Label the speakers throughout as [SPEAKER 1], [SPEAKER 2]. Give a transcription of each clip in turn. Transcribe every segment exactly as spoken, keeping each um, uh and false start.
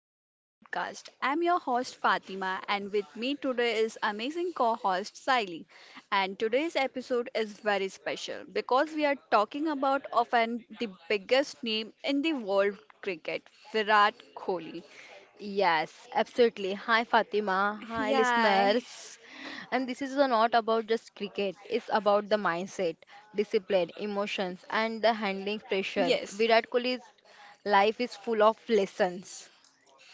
[SPEAKER 1] of our podcast. I'm your host Fatima, and with me today is amazing co host Siley. And today's episode is very special because we are talking about often the biggest name in the world cricket, Virat Kohli.
[SPEAKER 2] Yes, absolutely. Hi Fatima, hi
[SPEAKER 1] Yeah,
[SPEAKER 2] listeners. And this is not about just cricket, it's about the mindset, discipline, emotions, and the handling pressure.
[SPEAKER 1] yes,
[SPEAKER 2] Virat Kohli's life is full of lessons.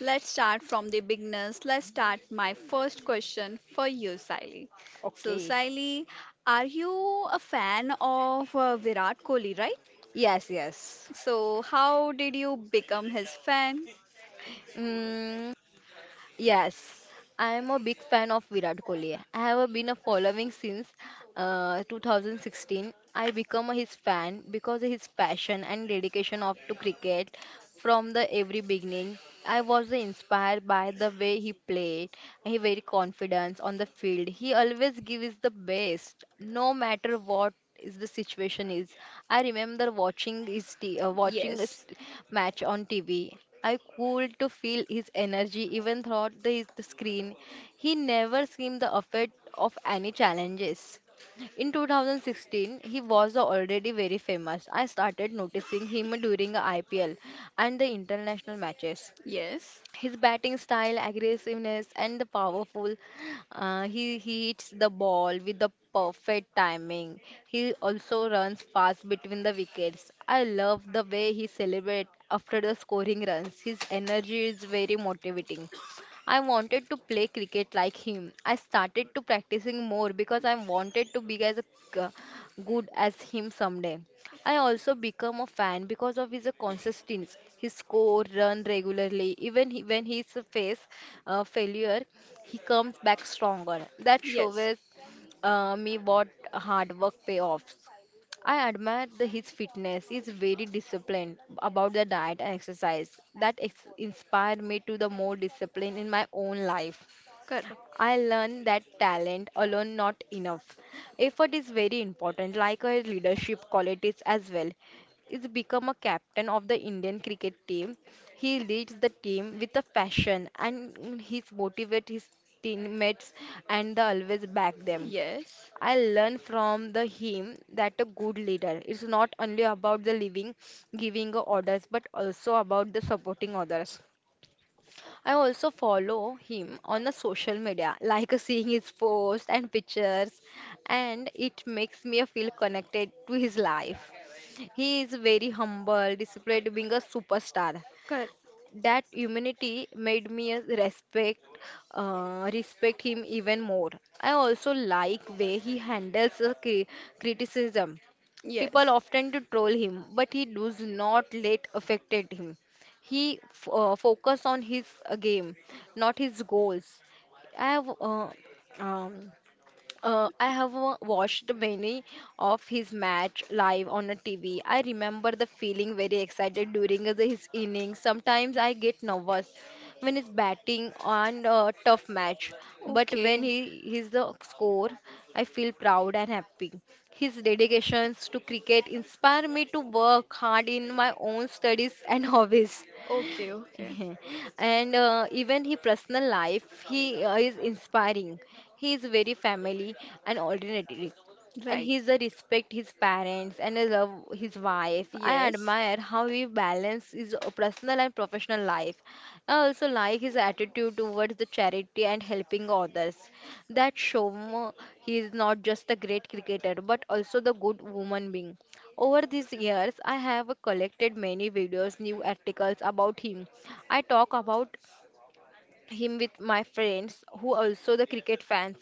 [SPEAKER 1] let's start from the beginners. Let's start my first question for you, Siley. So,
[SPEAKER 2] Okay.
[SPEAKER 1] Siley, are you a fan of uh, Virat Kohli, right?
[SPEAKER 2] Yes, yes.
[SPEAKER 1] So, how did you become his fan?
[SPEAKER 2] Mm, yes, I am a big fan of Virat Kohli. I have been a following since uh, two thousand sixteen. I become his fan because of his passion and dedication of to cricket from the every beginning. I was inspired by the way he played. He very confident on the field. He always gives the best, no matter what is the situation is. I remember watching his t- uh, watching a
[SPEAKER 1] Yes,
[SPEAKER 2] st- match on TV. I could to feel his energy even throughout the, his- the screen. He never seemed the effect of any challenges. In two thousand sixteen, he was already very famous. I started noticing him during I P L and the international matches.
[SPEAKER 1] yes,
[SPEAKER 2] His batting style, aggressiveness, and the powerful, uh, he, he hits the ball with the perfect timing. He also runs fast between the wickets. I love the way he celebrates after the scoring runs. His energy is very motivating. I wanted to play cricket like him. I started to practicing more because I wanted to be as a, good as him someday. I also become a fan because of his consistency. His score run regularly, even he, when he face uh, failure, he comes back stronger. That
[SPEAKER 1] yes,
[SPEAKER 2] shows uh, me what hard work payoffs. I admire the, his fitness. He's very disciplined about the diet and exercise. That ex- inspired me to the more discipline in my own life.
[SPEAKER 1] correct.
[SPEAKER 2] I learned that talent alone not enough. Effort is very important, like a leadership qualities as well. He's become a captain of the Indian cricket team. He leads the team with a passion and he's motivate his teammates and the always back them.
[SPEAKER 1] Yes,
[SPEAKER 2] I learned from the him that a good leader is not only about the living, giving orders, but also about the supporting others. I also follow him on the social media, like seeing his posts and pictures, and it makes me feel connected to his life. He is very humble, displayed being a superstar.
[SPEAKER 1] correct.
[SPEAKER 2] That humanity made me respect uh, respect him even more. I also like way he handles the cri- criticism. People often to troll him, but he does not
[SPEAKER 1] Yes.
[SPEAKER 2] let affected him. He f- uh, focus on his uh, game, not his goals. I have uh, um, uh, I have wa- watched many of his match live on a T V. I remember the feeling very excited during the- his innings. Sometimes I get nervous when he's batting on a tough match, but when he is the score, I feel proud and happy. His dedications to cricket inspire me to work hard in my own studies and hobbies.
[SPEAKER 1] Okay, okay.
[SPEAKER 2] And uh, even his personal life he uh, is inspiring. He is very family and ordinary, and he's a respect his parents and a love his wife.
[SPEAKER 1] And
[SPEAKER 2] I
[SPEAKER 1] yes.
[SPEAKER 2] admire how he balances his personal and professional life. I also like his attitude towards the charity and helping others. That show he is not just a great cricketer but also the good woman being. Over these years, I have collected many videos, new articles about him. I talk about him with my friends who also the cricket fans.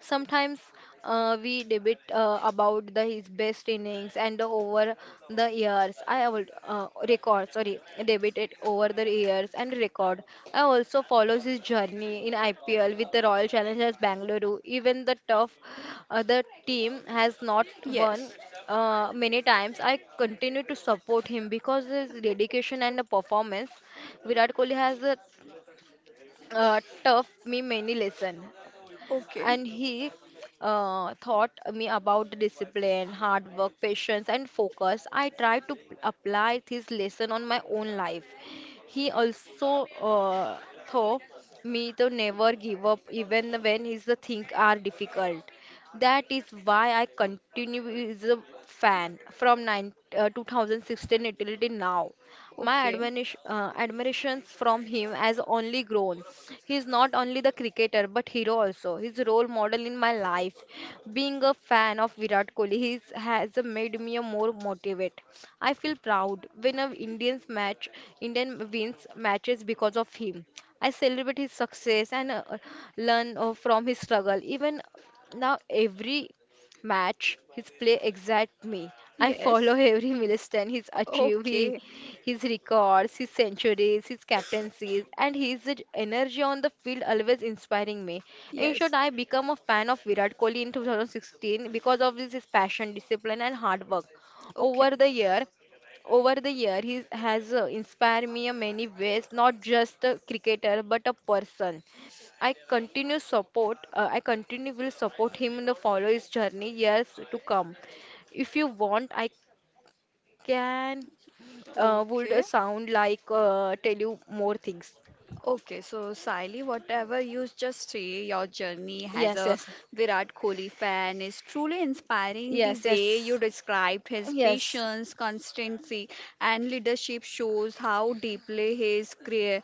[SPEAKER 2] Sometimes uh, we debate uh, about the his best innings and the over the years. I have uh, record sorry debated over the years and record. I also follows his journey in I P L with the Royal Challengers Bangalore. Even the tough other team has not won
[SPEAKER 1] Yes.
[SPEAKER 2] uh, many times. I continue to support him because his dedication and the performance. Virat Kohli has a uh, taught me many lessons, and he uh, taught me about discipline, hard work, patience, and focus. I try to p- apply this lesson on my own life. He also uh, taught me to never give up even when his the things are difficult. That is why I continue as a fan from nine, uh, two thousand sixteen until till now. My admonish, uh, admirations from him has
[SPEAKER 1] Okay.
[SPEAKER 2] only grown. He is not only the cricketer but hero also. His role model in my life. Being a fan of Virat Kohli, he has made me a more motivate. I feel proud when a Indian's match, Indian wins matches because of him. I celebrate his success and uh, learn uh, from his struggle. Even now, every match his play exact me. I follow
[SPEAKER 1] Yes.
[SPEAKER 2] every milestone he's achieved, he,
[SPEAKER 1] Okay.
[SPEAKER 2] his records, his centuries, his captaincies, and his energy on the field always inspiring me. In
[SPEAKER 1] Yes.
[SPEAKER 2] short, I become a fan of Virat Kohli in twenty sixteen because of his passion, discipline, and hard work.
[SPEAKER 1] Okay.
[SPEAKER 2] Over the year, over the year he has uh, inspired me in many ways, not just a cricketer but a person. I continue support. Uh, I continue will support him in the follow his journey years to come. If you want, I can uh, would uh,
[SPEAKER 1] Okay.
[SPEAKER 2] sound like uh, tell you more things.
[SPEAKER 1] Okay, so Sally, whatever you just say, your journey as
[SPEAKER 2] Yes,
[SPEAKER 1] a
[SPEAKER 2] yes,
[SPEAKER 1] Virat Kohli fan is truly inspiring. The
[SPEAKER 2] yes,
[SPEAKER 1] way you
[SPEAKER 2] yes,
[SPEAKER 1] described his
[SPEAKER 2] yes.
[SPEAKER 1] patience, constancy, and leadership shows how deeply his career,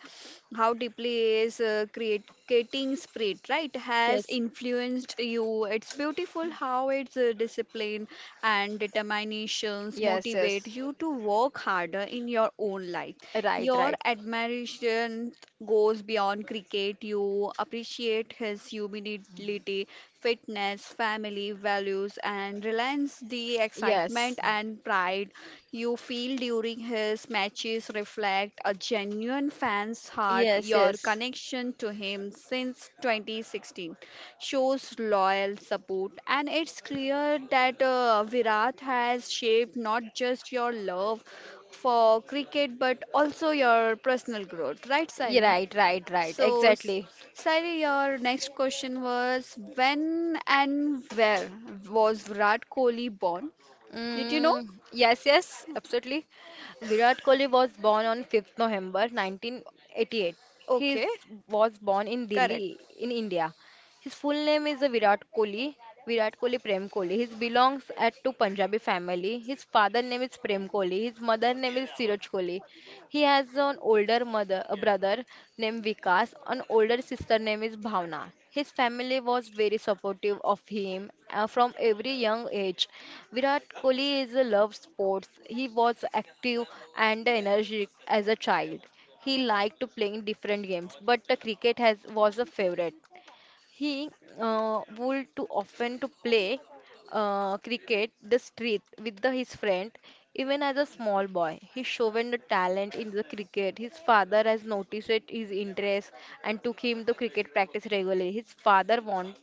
[SPEAKER 1] how deeply his uh, creating spirit, right, has
[SPEAKER 2] Yes,
[SPEAKER 1] influenced you. It's beautiful how its uh, discipline and determinations
[SPEAKER 2] yes,
[SPEAKER 1] motivate
[SPEAKER 2] yes.
[SPEAKER 1] you to work harder in your own life.
[SPEAKER 2] Right,
[SPEAKER 1] Your
[SPEAKER 2] right.
[SPEAKER 1] admiration goes beyond cricket. You appreciate his humility, fitness, family values, and reliance the excitement and pride you feel during his matches reflect a genuine fan's
[SPEAKER 2] And
[SPEAKER 1] heart.
[SPEAKER 2] yes.
[SPEAKER 1] Your connection to him since twenty sixteen shows loyal support, and it's clear that uh, Virat has shaped not just your love for cricket but also your personal growth, right,
[SPEAKER 2] Yeah,
[SPEAKER 1] Sally?
[SPEAKER 2] right, right, right.
[SPEAKER 1] So, S-
[SPEAKER 2] Exactly.
[SPEAKER 1] Sally, your next question was when and where was Virat Kohli born? Did you know?
[SPEAKER 2] Mm, yes, yes, absolutely. Virat Kohli was born on the fifth of November nineteen eighty-eight. He
[SPEAKER 1] Okay,
[SPEAKER 2] is- was born in Delhi,
[SPEAKER 1] correct.
[SPEAKER 2] in India. His full name is Virat Kohli, Virat Kohli Prem Kohli. He belongs at to Punjabi family. His father name is Prem Kohli. His mother name is Siraj Kohli. He has an older mother, a brother named Vikas. An older sister name is Bhavna. His family was very supportive of him uh, from every young age. Virat Kohli is a love sports. He was active and energetic as a child. He liked to playing different games, but the cricket has was a favorite. He uh, would too often to play uh, cricket the street with the, his friend. Even as a small boy, he shown the talent in the cricket. His father has noticed it, his interest, and took him to cricket practice regularly. His father wanted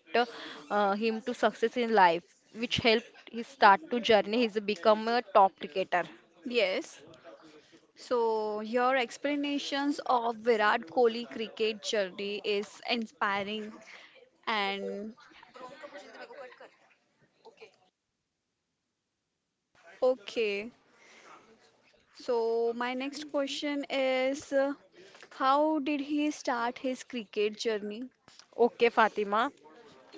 [SPEAKER 2] uh, him to success in life, which helped his start to journey. He's become a top cricketer.
[SPEAKER 1] Yes. So your explanations of Virat Kohli cricket journey is inspiring and okay. So my next question is uh, how did he start his cricket journey?
[SPEAKER 2] Okay, Fatima.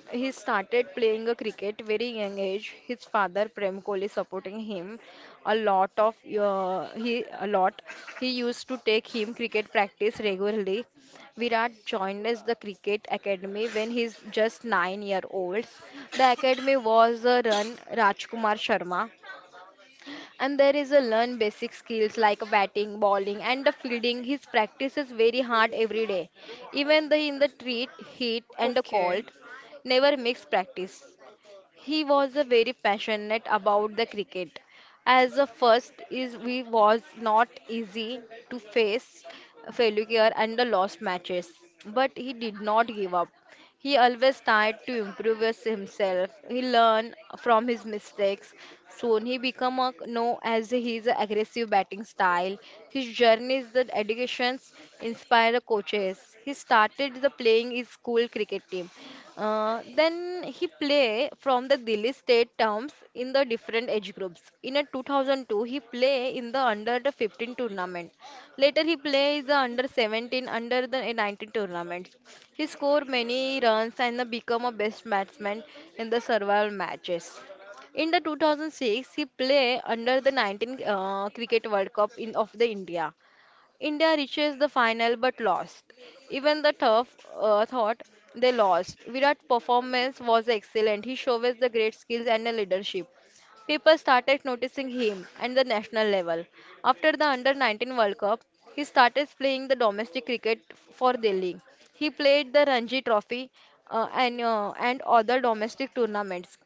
[SPEAKER 2] He started playing a cricket very young age. His father Prem Kohli supporting him a lot of uh, he a lot. He used to take him cricket practice regularly. Virat joined us the cricket academy when he's just nine years old. The academy was uh, run Rajkumar Sharma, and there is a learn basic skills like batting, bowling, and the fielding. His practice is very hard every day, even the in the treat heat and the
[SPEAKER 1] Okay.
[SPEAKER 2] cold. Never makes practice. He was a very passionate about the cricket. As a first is, we was not easy to face failure and the lost matches, but he did not give up. He always tried to improve his- himself. He learned from his mistakes. Soon he became a, known as his aggressive batting style. His journey's the educations inspired the coaches. He started the playing his school cricket team. Uh, then he play from the Delhi state terms in the different age groups. In a two thousand two, he play in the under the fifteen tournament. Later, he plays the under seventeen, under the nineteen tournaments. He scored many runs and became a best batsman in the several matches. In the two thousand six, he played under the nineteen uh, Cricket World Cup in, of the India. India reaches the final but lost. Even the tough uh, thought they lost. Virat's performance was excellent. He showed the great skills and the leadership. People started noticing him at the national level. After the Under nineteen World Cup, he started playing the domestic cricket for Delhi. He played the Ranji Trophy uh, and, uh, and other domestic tournaments.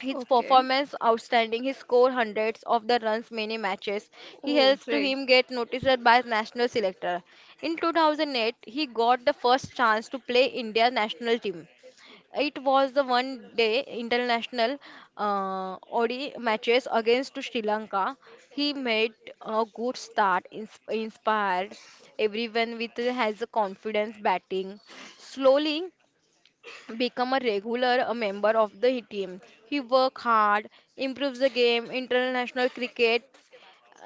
[SPEAKER 2] His performance outstanding. He scored hundreds of the runs many matches. He helps to him get noticed by national selector. In two thousand eight, he got the first chance to play India national team. It was the one day international, uh, O D I matches against to Sri Lanka. He made a good start, ins- inspired everyone with his confidence batting. Slowly, become a regular a member of the team. He work hard, improves the game, international cricket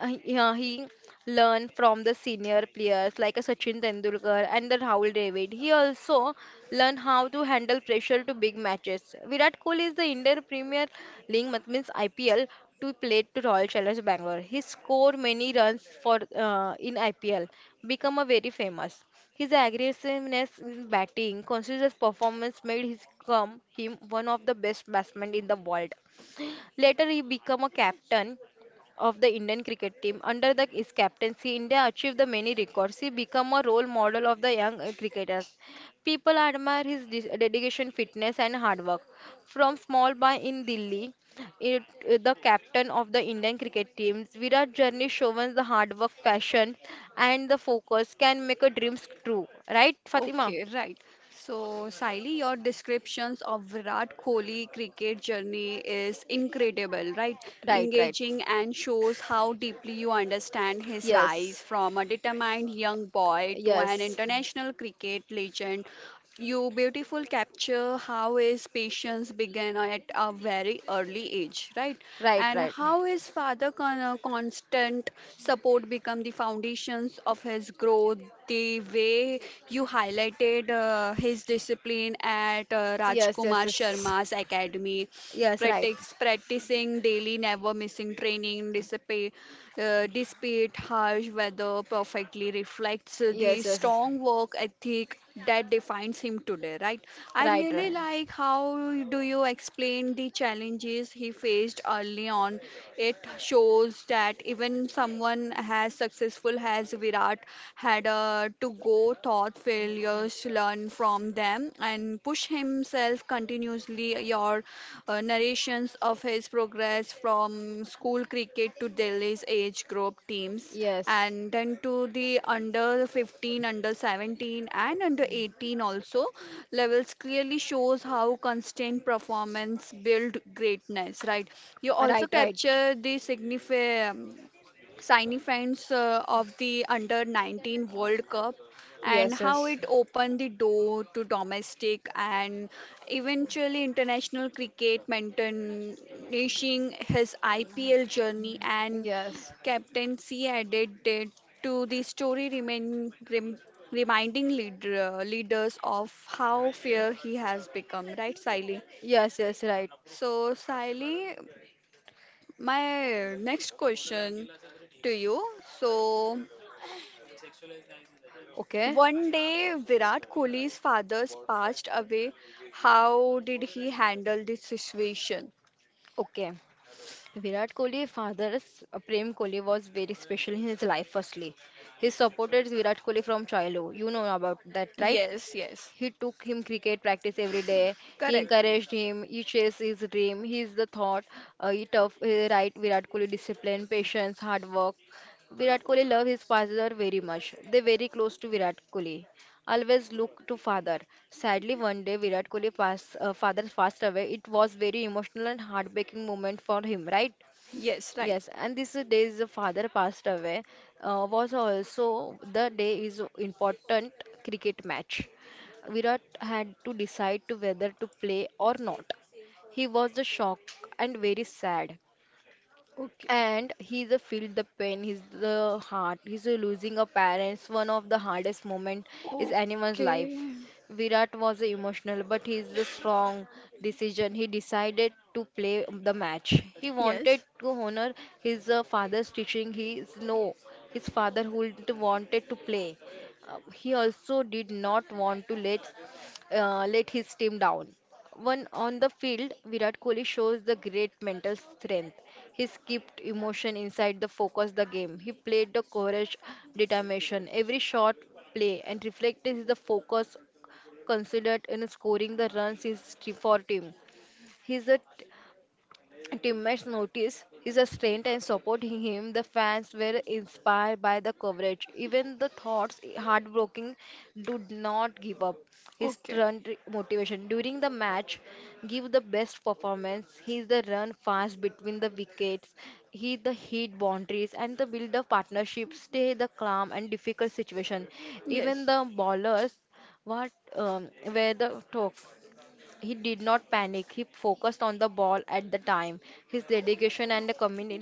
[SPEAKER 2] uh, Yeah, he learned from the senior players like a Sachin Tendulkar and the Rahul Dravid. He also learned how to handle pressure to big matches. Virat Kohli is the Indian Premier League, mat- means I P L, to play to Royal Challengers Bangalore. He scored many runs for uh, in I P L, become a very famous. His aggressiveness in batting, consistent performance made his come him one of the best batsmen in the world. Later, he became a captain of the Indian cricket team. Under the, his captaincy, India achieved the many records. He became a role model of the young uh, cricketers. People admire his de- dedication, fitness, and hard work. From small by in Delhi, it, uh, the captain of the Indian cricket team, Virat journey shows the hard work, passion, and the focus can make a dreams true. Right, Fatima?
[SPEAKER 1] Okay, right. So, Siley, your descriptions of Virat Kohli cricket journey is incredible, right?
[SPEAKER 2] Right, right.
[SPEAKER 1] Engaging and shows how deeply you understand his rise
[SPEAKER 2] Yes,
[SPEAKER 1] from a determined young boy to an
[SPEAKER 2] yes.
[SPEAKER 1] international cricket legend. You beautiful capture how his patience began at a very early age, right?
[SPEAKER 2] Right,
[SPEAKER 1] And
[SPEAKER 2] right.
[SPEAKER 1] how his father con- uh, constant support become the foundations of his growth. The way you highlighted uh, his discipline at uh,
[SPEAKER 2] Yes, yes,
[SPEAKER 1] Rajkumar
[SPEAKER 2] yes.
[SPEAKER 1] Sharma's academy,
[SPEAKER 2] Yes, right.
[SPEAKER 1] practice, practicing daily, never missing training, discipline, uh, despite harsh weather, perfectly reflects the
[SPEAKER 2] Yes, yes, yes.
[SPEAKER 1] strong work ethic that defines him today, right? I
[SPEAKER 2] Right,
[SPEAKER 1] really
[SPEAKER 2] right.
[SPEAKER 1] like how do you explain the challenges he faced early on. It shows that even someone as successful as Virat had uh, to go thought failures, learn from them and push himself continuously. Your uh, narrations of his progress from school cricket to Delhi's age group teams
[SPEAKER 2] Yes.
[SPEAKER 1] and then to the under fifteen, under seventeen and under eighteen also levels clearly shows how constant performance build greatness, right? You also
[SPEAKER 2] Right, right.
[SPEAKER 1] capture the significant significance uh, of the under nineteen world cup and
[SPEAKER 2] Yes,
[SPEAKER 1] how
[SPEAKER 2] yes.
[SPEAKER 1] it opened the door to domestic and eventually international cricket, managing his I P L journey and
[SPEAKER 2] Yes.
[SPEAKER 1] captaincy added it to the story remain, rem, reminding leader, leaders of how fair he has become, right, Siley?
[SPEAKER 2] Yes, yes, right.
[SPEAKER 1] So, Siley, my next question to you. So,
[SPEAKER 2] Okay.
[SPEAKER 1] one day, Virat Kohli's father's passed away. How did he handle this situation?
[SPEAKER 2] Okay. Virat Kohli, father, uh, Prem Kohli was very special in his life firstly. He supported Virat Kohli from childhood. You know about that, right?
[SPEAKER 1] Yes, yes,
[SPEAKER 2] He took him cricket practice every day. He
[SPEAKER 1] correct.
[SPEAKER 2] encouraged him. He chased his dream. He is the thought. Uh, he tough, he right Virat Kohli discipline, patience, hard work. Virat Kohli love his father very much. They very close to Virat Kohli. Always look to father. Sadly, one day Virat Kohli pass, uh, father passed away. It was very emotional and heartbreaking moment for him, right?
[SPEAKER 1] Yes, right.
[SPEAKER 2] Yes, and this day is the father passed away uh, was also the day is important cricket match. Virat had to decide to whether to play or not. He was the shock and very sad.
[SPEAKER 1] Okay.
[SPEAKER 2] And he's a feel the pain, he's the heart, he's a losing a parents. One of the hardest moment is anyone's
[SPEAKER 1] Okay.
[SPEAKER 2] life. Virat was emotional, but he's the strong decision. He decided to play the match. He wanted
[SPEAKER 1] Yes.
[SPEAKER 2] to honor his uh, father's teaching. He is no, his father who wanted to play. Uh, he also did not want to let uh, let his team down. One on the field, Virat Kohli shows the great mental strength. He kept emotion inside the focus the game. He played the courage, determination. Every shot play and reflect is the focus considered in scoring the runs is t- for team. He is a Teammates noticed his strength and supported him. The fans were inspired by the coverage. Even the thoughts heartbroken did not give up. His
[SPEAKER 1] Okay.
[SPEAKER 2] strength motivation during the match give the best performance. He the run fast between the wickets. He the hit boundaries and the build of partnership. Stay the calm and difficult situation. Even
[SPEAKER 1] Yes.
[SPEAKER 2] the bowlers what um, were the talk he did not panic. He focused on the ball at the time. His dedication and commitment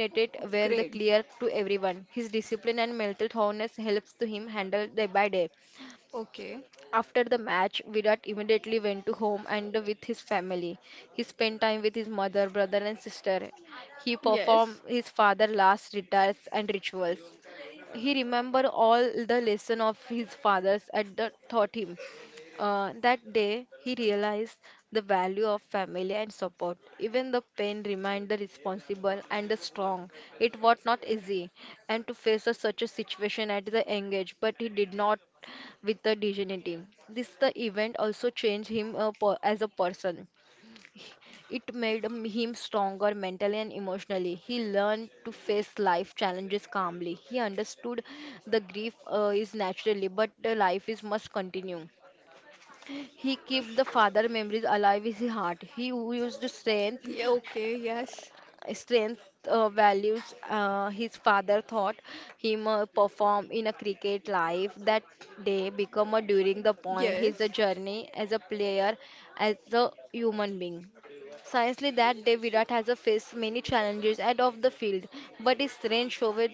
[SPEAKER 2] were the
[SPEAKER 1] Great.
[SPEAKER 2] clear to everyone. His discipline and mental toughness helps to him handle day by day.
[SPEAKER 1] Okay.
[SPEAKER 2] After the match, Virat immediately went to home and with his family. He spent time with his mother, brother, and sister. He performed
[SPEAKER 1] Yes.
[SPEAKER 2] his father's last rites and rituals. He remembered all the lesson of his fathers and the taught him. Uh, that day, he realized the value of family and support. Even the pain remained the responsible and the strong. It was not easy, and to face a, such a situation at the young age, but he did not with the dignity. This the event also changed him uh, per, as a person. It made him him stronger mentally and emotionally. He learned to face life challenges calmly. He understood the grief uh, is naturally, but the life is must continue. He kept the father memories alive in his heart. He used strength,
[SPEAKER 1] Yeah, okay. Yes.
[SPEAKER 2] strength uh, values uh, his father thought him uh, perform in a cricket life that day become a during the point his
[SPEAKER 1] Yes.
[SPEAKER 2] journey as a player as a human being. Scientifically, that day Virat has faced many challenges out of the field, but his strength showed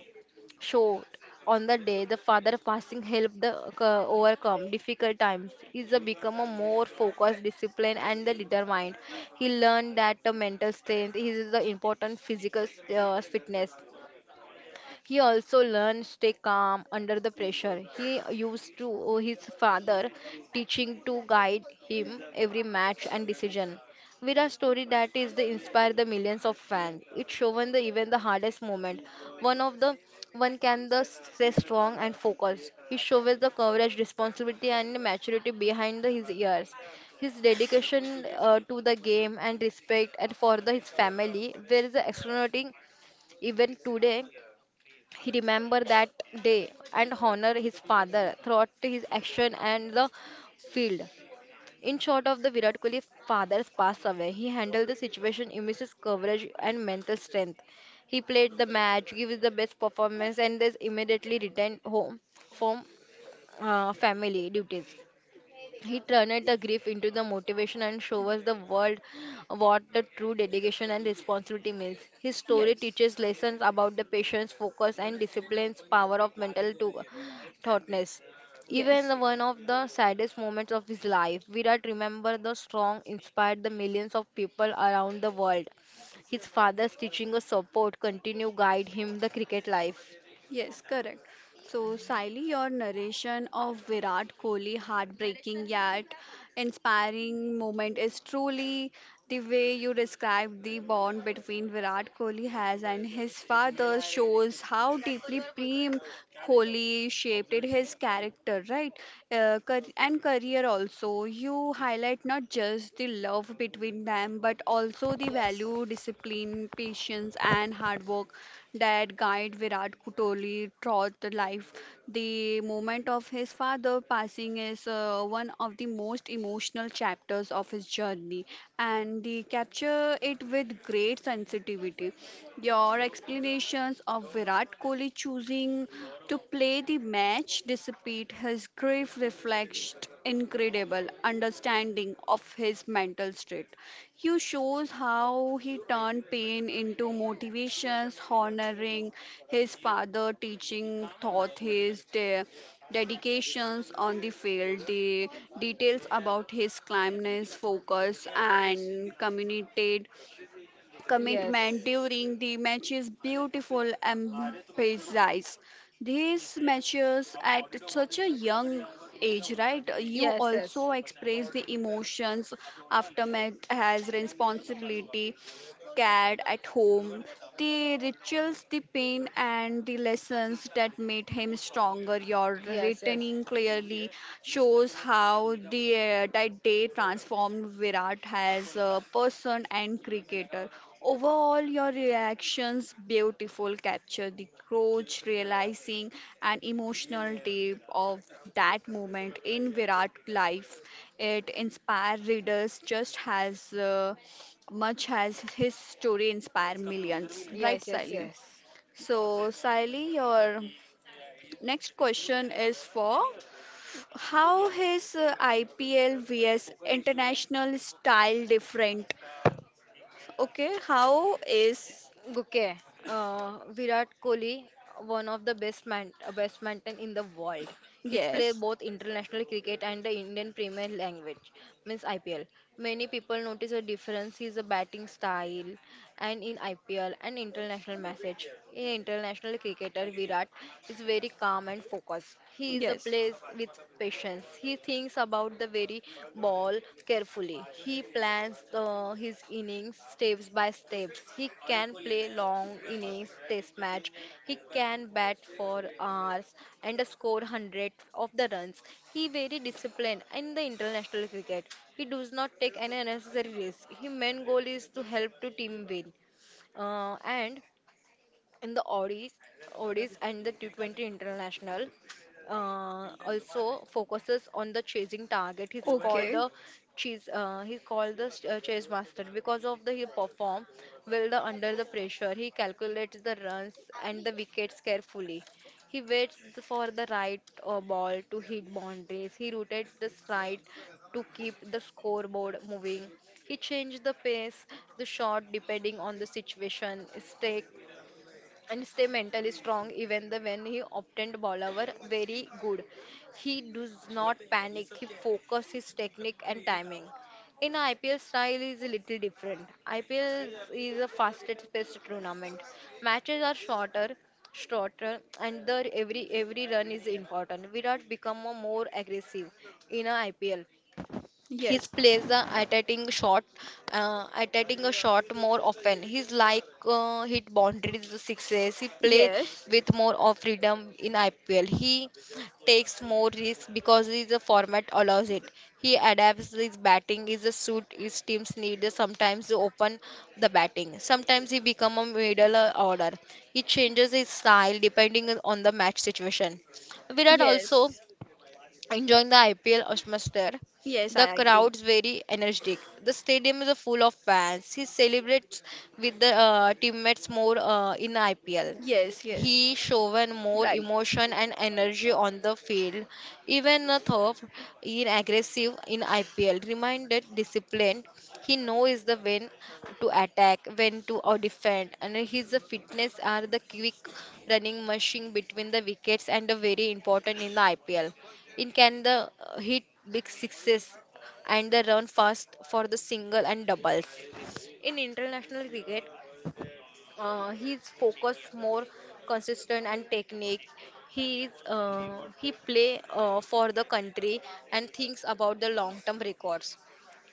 [SPEAKER 2] showed on the day the father passing helped the co- overcome difficult times. He's a become a more focused disciplined and the determined he learned that the mental strength is the important physical uh, fitness he also learned stay calm under the pressure. He used to owe his father teaching to guide him every match and decision. With a story that is the inspire the millions of fans. It shown the even the hardest moment. One of the one can the stay strong and focus. He shows the courage, responsibility and maturity behind the, his years. His dedication uh, to the game and respect and for the, his family where the extraordinary even today he remembered that day and honored his father throughout his action and the field. In short of the Virat Kohli father's passed away, he handled the situation, immense coverage and mental strength. He played the match, gave the best performance and is immediately returned home from uh, family duties. He turned the grief into the motivation and show us the world what the true dedication and responsibility means. His story
[SPEAKER 1] Yes.
[SPEAKER 2] teaches lessons about the patience, focus, and discipline's power of mental to thoughtness. Even
[SPEAKER 1] Yes.
[SPEAKER 2] the one of the saddest moments of his life, Virat remember the strong inspired the millions of people around the world. His father's teaching of support continue guide him the cricket life.
[SPEAKER 1] Yes, correct. So, Siley, your narration of Virat Kohli heartbreaking yet inspiring moment is truly the way you describe the bond between Virat Kohli has and his father shows how deeply Prem Kohli shaped it- his character, right? Uh, car- and career also. You highlight not just the love between them, but also the value, discipline, patience, and hard work that guide Virat Kohli throughout the life. The moment of his father passing is uh, one of the most emotional chapters of his journey, and they capture it with great sensitivity. Your explanations of Virat Kohli choosing to play the match despite his grief reflects incredible understanding of his mental state. You shows how he turned pain into motivations, honoring his father, teaching thought his de- dedications on the field, the details about his calmness, focus, and communicated commitment
[SPEAKER 2] Yes.
[SPEAKER 1] during the matches beautiful emphasis. These matches at such a young age, right? You
[SPEAKER 2] Yes, yes.
[SPEAKER 1] also express the emotions after aftermath as responsibility scared at home, the rituals, the pain, and the lessons that made him stronger. Your
[SPEAKER 2] Yes, yes.
[SPEAKER 1] returning clearly shows how the uh, that day transformed Virat as a person and cricketer. Overall, your reactions beautiful capture the coach realizing an emotional tape of that moment in Virat life. It inspires readers just as. Uh, Much has his story inspired millions, right,
[SPEAKER 2] Yes, yes,
[SPEAKER 1] Sally?
[SPEAKER 2] yes.
[SPEAKER 1] So, Sally, your next question is for how his uh, I P L vs international style different? Okay, how is
[SPEAKER 2] Okay, uh, Virat Kohli, one of the best man, uh, best batsmen in the world. He's played
[SPEAKER 1] yes?
[SPEAKER 2] both international cricket and the Indian Premier Language, means I P L. Many people notice a difference is a batting style and in I P L and international message. International cricketer Virat is very calm and focused. He is a
[SPEAKER 1] Yes.
[SPEAKER 2] plays with patience. He thinks about the very ball carefully. He plans the, his innings steps by steps. He can play long innings test match. He can bat for hours and score hundred of the runs. He very disciplined in the international cricket. He does not take any unnecessary risk. His main goal is to help to team win. Uh, and in the Odis, Odis and the T twenty International. Uh, also focuses on the chasing target. He's called
[SPEAKER 1] Okay.
[SPEAKER 2] the chase. Uh, he's called the ch- uh, chase master because of the he perform well the under the pressure. He calculates the runs and the wickets carefully. He waits the- for the right uh, ball to hit boundaries. He rooted the stride to keep the scoreboard moving. He changed the pace, the shot depending on the situation. Stake and stay mentally strong even the when he obtained bowler were very good he does not panic he focus his technique and timing in I P L style is a little different. I P L is a fastest paced tournament. Matches are shorter, shorter, and the every every run is important. Virat become a more aggressive in a I P L. His
[SPEAKER 1] Yes.
[SPEAKER 2] plays are attacking shot, uh, attacking a shot more often. He's like uh, hit boundaries sixes. He play
[SPEAKER 1] Yes.
[SPEAKER 2] with more of freedom in I P L. He takes more risks because his format allows it. He adapts his batting is a suit his teams need. Sometimes to open the batting. Sometimes he become a middle uh, order. He changes his style depending on the match situation. Virat also
[SPEAKER 1] Yes.
[SPEAKER 2] enjoying the I P L atmosphere, there.
[SPEAKER 1] Yes,
[SPEAKER 2] The
[SPEAKER 1] I agree.
[SPEAKER 2] crowd's very energetic. The stadium is full of fans. He celebrates with the uh, teammates more uh, in I P L.
[SPEAKER 1] Yes, yes.
[SPEAKER 2] He shown more
[SPEAKER 1] Right.
[SPEAKER 2] emotion and energy on the field. Even though in aggressive in I P L, reminded disciplined. He knows the when to attack, when to uh, defend, and his fitness are the quick running machine between the wickets and very important in the I P L. In Canada, uh, hit big sixes and they run fast for the single and doubles. In international cricket, uh, he's focused more consistent and technique. He is uh, he play uh, for the country and thinks about the long term records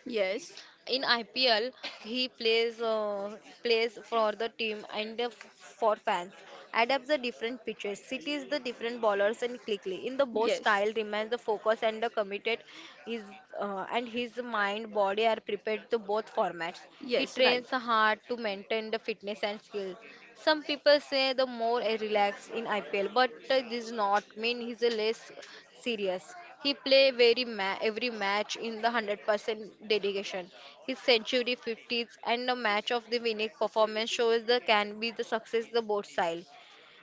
[SPEAKER 1] Yes.
[SPEAKER 2] in I P L, he plays uh, plays for the team and uh, for fans. Adapts the different pitches, cities the different bowlers, and quickly. In the both
[SPEAKER 1] Yes.
[SPEAKER 2] style, remains the focus and the committed. Is uh, and his mind, body are prepared to both formats. He
[SPEAKER 1] Yes, right.
[SPEAKER 2] trains the heart to maintain the fitness and skills. Some people say the more a relaxed in I P L, but uh, this not mean he's a less serious. He play very ma- every match in the one hundred percent dedication. His century fifties and the match of the winning performance shows the can be the success the both style.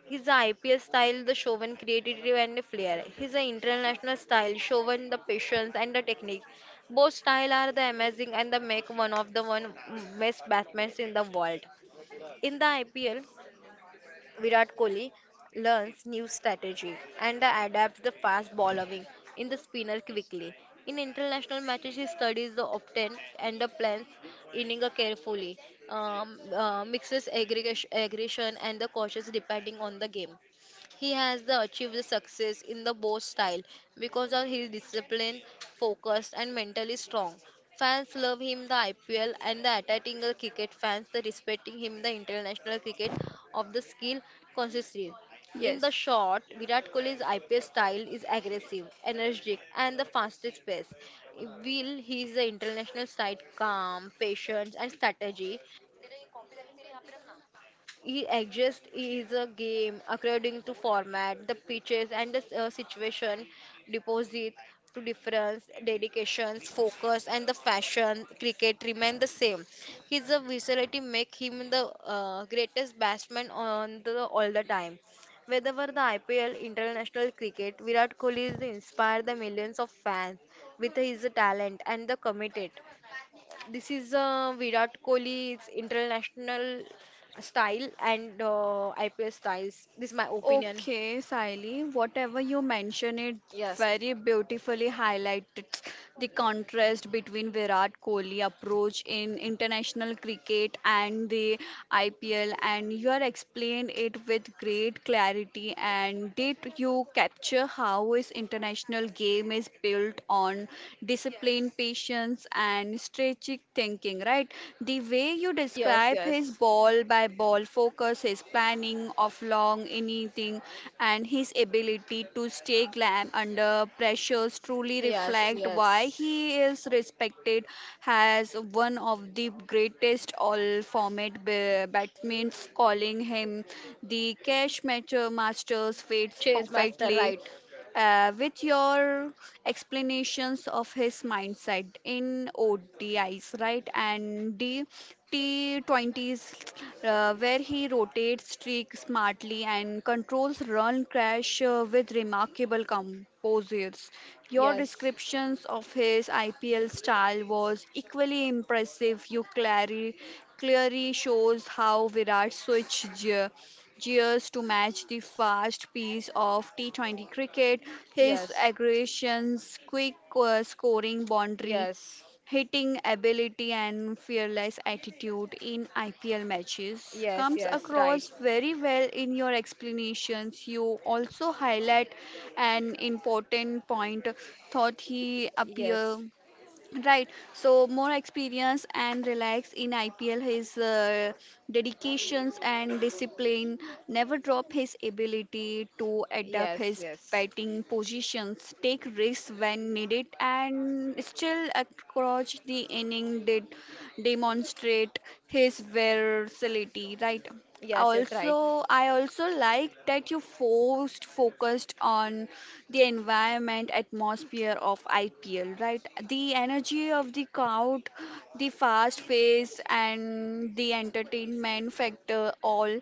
[SPEAKER 2] He's the I P L style, the Chauvin creativity and the flair. He's the international style, Chauvin the patience and the technique. Both style are the amazing and the make one of the one best batsmen in the world. In the I P L, Virat Kohli learns new strategy and adapts the fast bowling in the spinner quickly. In international matches, he studies the opponent and the plans inning carefully, um, uh, mixes aggregation aggression and the cautious depending on the game. He has the achieved the success in the both style because of his discipline, focused and mentally strong. Fans love him the I P L and the attacking the cricket fans the respecting him the international cricket of the skill consistency. In the short, Virat Kohli's I P L style is aggressive, energetic, and the fastest pace.
[SPEAKER 1] Yes.
[SPEAKER 2] Will While the international side calm, patience, and strategy, he exists is a game according to format, the pitches and the uh, situation, deposit to difference, dedications, focus and the fashion. Cricket remain the same. His uh, versatility make him the uh, greatest batsman on the all the time. Whether the I P L international cricket, Virat Kohli is inspired the millions of fans with his talent and the committed. This is uh, Virat Kohli's international style and uh, I P L styles. This is my opinion.
[SPEAKER 1] Okay, Saili, whatever you mention it very beautifully highlighted the contrast between Virat Kohli approach in international cricket and the I P L, and you are explained it with great clarity and did you capture how his international game is built on discipline, patience, and strategic thinking, right? The way you
[SPEAKER 2] Yes,
[SPEAKER 1] describe his
[SPEAKER 2] yes.
[SPEAKER 1] ball by ball focus, his planning of long anything, and his ability to stay calm under pressures truly
[SPEAKER 2] Yes,
[SPEAKER 1] reflect why
[SPEAKER 2] yes.
[SPEAKER 1] he is respected as one of the greatest all format ba- batsmen, calling him the cash matcher master's fits
[SPEAKER 2] Chase master,
[SPEAKER 1] perfectly
[SPEAKER 2] right?
[SPEAKER 1] uh, with your explanations of his mindset in O D Is, right, and D T twenties, uh, where he rotates streak smartly and controls run crash uh, with remarkable composures. Your
[SPEAKER 2] Yes.
[SPEAKER 1] descriptions of his I P L style was equally impressive. You clarity clearly shows how Virat switched ge- gears to match the fast pace of T twenty cricket. His
[SPEAKER 2] Yes.
[SPEAKER 1] aggressions, quick uh, scoring boundary,
[SPEAKER 2] Yes.
[SPEAKER 1] hitting ability and fearless attitude in I P L matches
[SPEAKER 2] Yes.
[SPEAKER 1] comes
[SPEAKER 2] Yes. Right.
[SPEAKER 1] across very well in your explanations. You also highlight an important point thought he appear
[SPEAKER 2] Yes.
[SPEAKER 1] right, so more experience and relax in I P L. His uh, dedications and discipline never drop his ability to adapt
[SPEAKER 2] Yes,
[SPEAKER 1] his
[SPEAKER 2] yes.
[SPEAKER 1] batting positions, take risks when needed, and still across the inning did demonstrate his versatility. Right,
[SPEAKER 2] Yes, yes, right.
[SPEAKER 1] also i also like that you forced focused on the environment atmosphere of IPL, right, the energy of the crowd, the fast pace and the entertainment factor all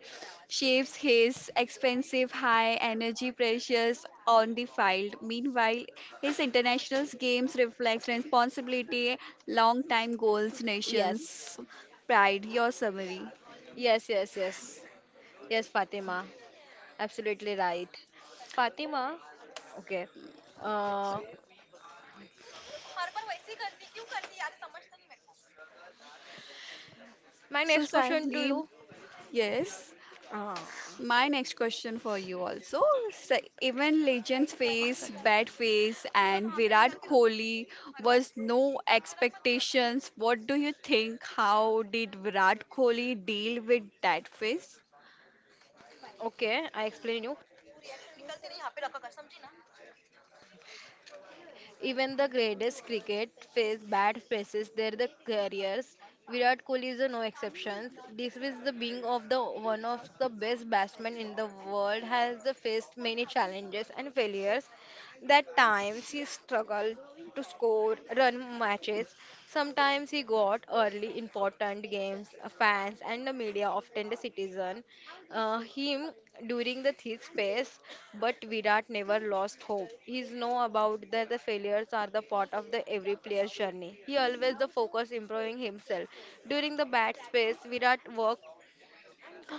[SPEAKER 1] shapes his expensive high energy pressures on the field. Meanwhile, his international games reflect responsibility, long time goals,
[SPEAKER 2] Yes.
[SPEAKER 1] nations pride. Your summary,
[SPEAKER 2] Yes, yes, yes. Yes, Fatima, absolutely right. Fatima, okay. Uh, my
[SPEAKER 1] so,
[SPEAKER 2] next question to
[SPEAKER 1] Sahli,
[SPEAKER 2] you.
[SPEAKER 1] yes,
[SPEAKER 2] Uh,
[SPEAKER 1] my next question for you also. So even legends face bad face and Virat Kohli was no expectations. What do you think? How did Virat Kohli deal with that face?
[SPEAKER 2] Okay, I explain you. Even the greatest cricket face bad faces their the careers. Virat Kohli is a no exception. Despite the being of the one of the best batsmen in the world has the faced many challenges and failures. That times he struggled to score run matches. Sometimes he got early important games. Fans and the media often the citizen uh, him during the thick phase, but Virat never lost hope. He's know about that the failures are the part of the every player's journey. He always the focus improving himself. During the bad space, Virat worked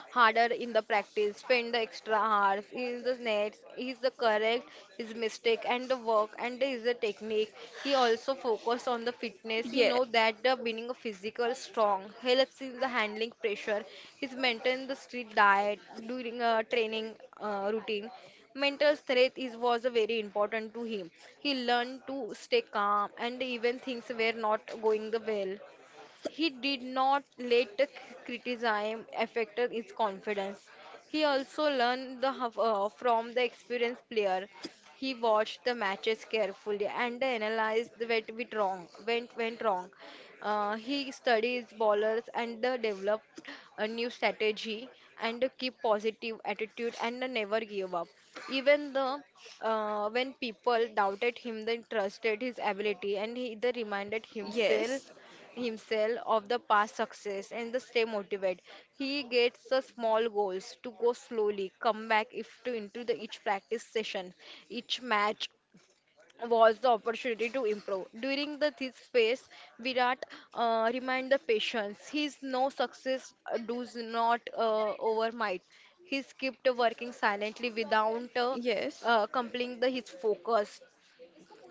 [SPEAKER 2] harder in the practice, spend the extra hours, is the nets, is the correct, his mistake and the work and is the technique. He also focused on the fitness. He know that the being a physical strong helps in the handling pressure. He's maintained the strict diet during a training uh, routine. Mental strength is was very important to him. He learned to stay calm and even things were not going the well. He did not let the c- criticism affect his confidence. He also learned the, huff- uh, from the experienced player. He watched the matches carefully and analyzed what went wrong. Went, went wrong. Uh, he studies bowlers and uh, developed a new strategy and uh, keep positive attitude and uh, never give up. Even the uh, when people doubted him, they trusted his ability and he they reminded himself
[SPEAKER 1] Yes.
[SPEAKER 2] himself of the past success and the stay motivated. He gets the small goals to go slowly, come back if to into the each practice session, each match was the opportunity to improve. During the this phase, Virat uh, remind the patience. His no success uh, does not uh, overnight. He kept working silently without uh, uh, completing the, his focus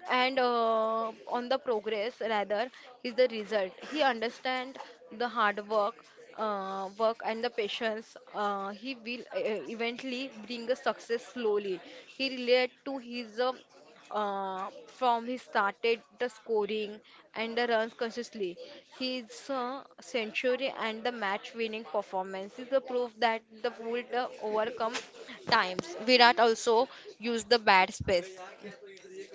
[SPEAKER 2] and uh, on the progress rather is the result he understand the hard work uh, work and the patience uh, he will uh, eventually bring a success slowly he relate to his um, uh, from he started the scoring and the runs consciously. His uh, century and the match winning performance is a proof that the would uh, overcome times virat also used the bad space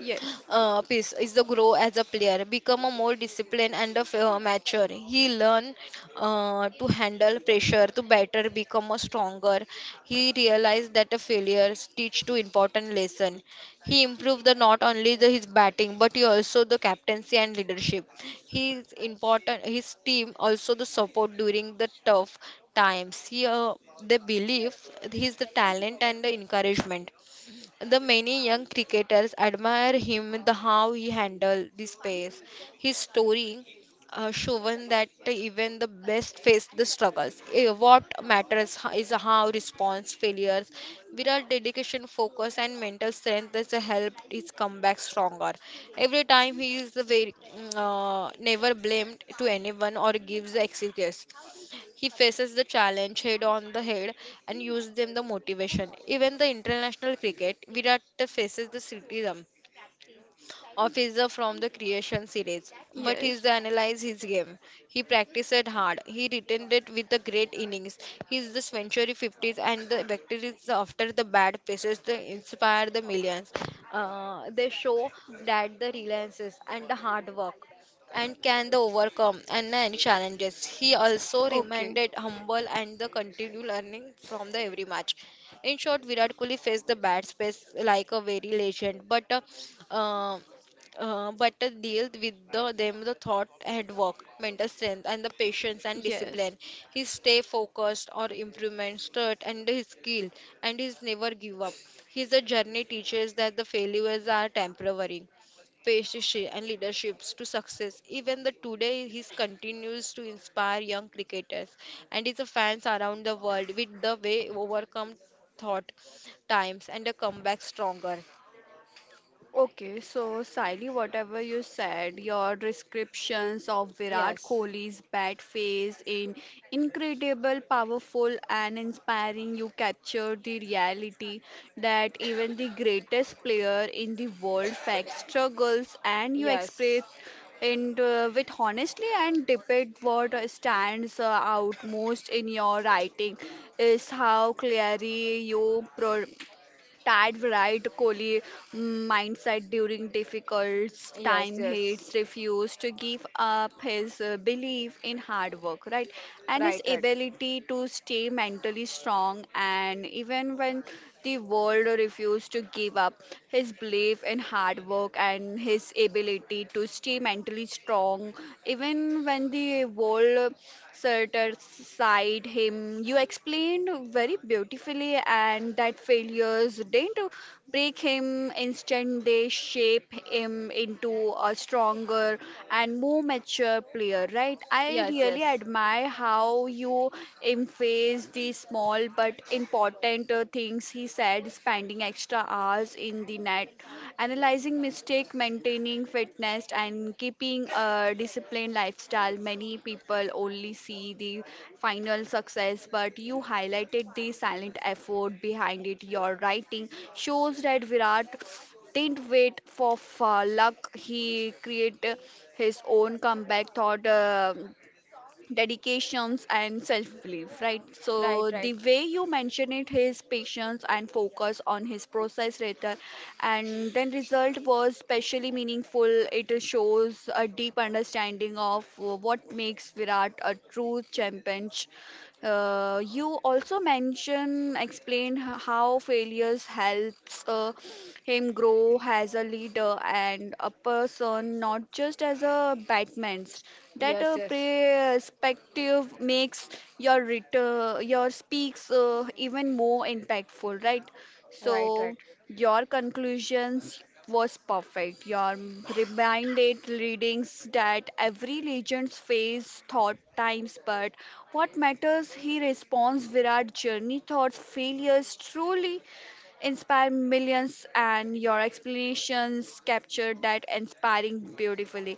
[SPEAKER 1] Yes,
[SPEAKER 2] uh, piece is the grow as a player, become a more disciplined and a f- uh, mature. He learn uh, to handle pressure, to better become a stronger. He realized that the failures teach two important lesson. He improved the not only the, his batting but he also the captaincy and leadership. He is important. His team also the support during the tough times. He uh, they believe his the talent and the encouragement. The many young cricketers admire him the how he handled the pace. His story uh, shown that even the best face the struggles. Eh, What matters ho- is how response failures. Virat dedication, focus, and mental strength has helped his comeback stronger. Every time he is very mm, uh, never blamed to anyone or gives excuses. He faces the challenge head on the head and uses them the motivation. Even the international cricket, Virat faces the criticism officer from the creation series, but he
[SPEAKER 1] yes,
[SPEAKER 2] analyzed his game. He practiced hard. He returned it with the great innings. He's the century fifties and the victories after the bad places they inspire the millions. Uh, they show that the reliances and the hard work and can the overcome and any challenges. He also remained
[SPEAKER 1] okay.
[SPEAKER 2] humble and the continued learning from the every match. In short, Virat Kohli faced the bad space like a very legend, but uh, uh, uh, but uh, dealt with the, them the thought and work, mental strength, and the patience and
[SPEAKER 1] Yes.
[SPEAKER 2] discipline. He stay focused or improvement, start and his skill, and he's never give up. His uh, journey teaches that the failures are temporary. Patience and leaderships to success. Even the today, he continues to inspire young cricketers and his fans around the world with the way overcome thought times and a comeback stronger.
[SPEAKER 1] Okay, so Siley, whatever you said, your descriptions of Virat
[SPEAKER 2] Yes,
[SPEAKER 1] Kohli's bat face in incredible, powerful, and inspiring. You captured the reality that even the greatest player in the world faced struggles, and you
[SPEAKER 2] yes.
[SPEAKER 1] express and uh, with honestly and debate what uh, stands uh, out most in your writing is how clearly you pro Tad Virat Kohli mm, mindset during difficult
[SPEAKER 2] Yes,
[SPEAKER 1] time
[SPEAKER 2] yes.
[SPEAKER 1] he's refused to give up his uh, belief in hard work, right? And his
[SPEAKER 2] Right, right.
[SPEAKER 1] ability to stay mentally strong and even when the world refused to give up his belief in hard work and his ability to stay mentally strong even when the world certain side him, you explained very beautifully, and that failures didn't break him, instead they shape him into a stronger and more mature player, right? I
[SPEAKER 2] Yes,
[SPEAKER 1] really
[SPEAKER 2] yes.
[SPEAKER 1] admire how you emphasize the small but important uh, things he said spending extra hours hours in the net, analyzing mistake, maintaining fitness, and keeping a disciplined lifestyle. Many people only see the final success, but you highlighted the silent effort behind it. Your writing shows that Virat didn't wait for uh, luck. He created his own comeback thought. Uh, dedications and self belief, right? So the way you mention it his patience and focus on his process rather and then result was especially meaningful. It shows a deep understanding of uh, what makes Virat a true champion. Uh, you also mentioned, explained h- how failures helps uh, him grow as a leader and a person, not just as a batsman. That uh, perspective makes your return, your speaks uh, even more impactful, right?
[SPEAKER 2] Right, right. right.
[SPEAKER 1] So your conclusions was perfect. Your reminded readings that every legends face thought times, but what matters he responds Virat journey thoughts failures truly inspire millions, and your explanations capture that inspiring beautifully.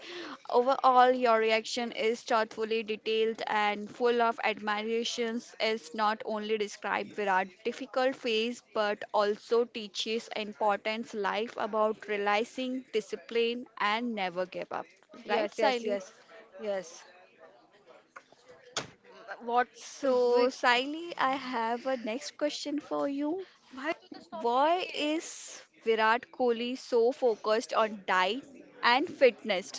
[SPEAKER 1] Overall, your reaction is thoughtfully detailed and full of admirations. Is not only described Virat difficult phase but also teaches importance life about realizing discipline and never give up, right,
[SPEAKER 2] Yes, yes,
[SPEAKER 1] Siley?
[SPEAKER 2] yes, yes. What
[SPEAKER 1] So,
[SPEAKER 2] we, Science
[SPEAKER 1] Siley, I have a next question for you. Why is Virat Kohli so focused on diet and fitness?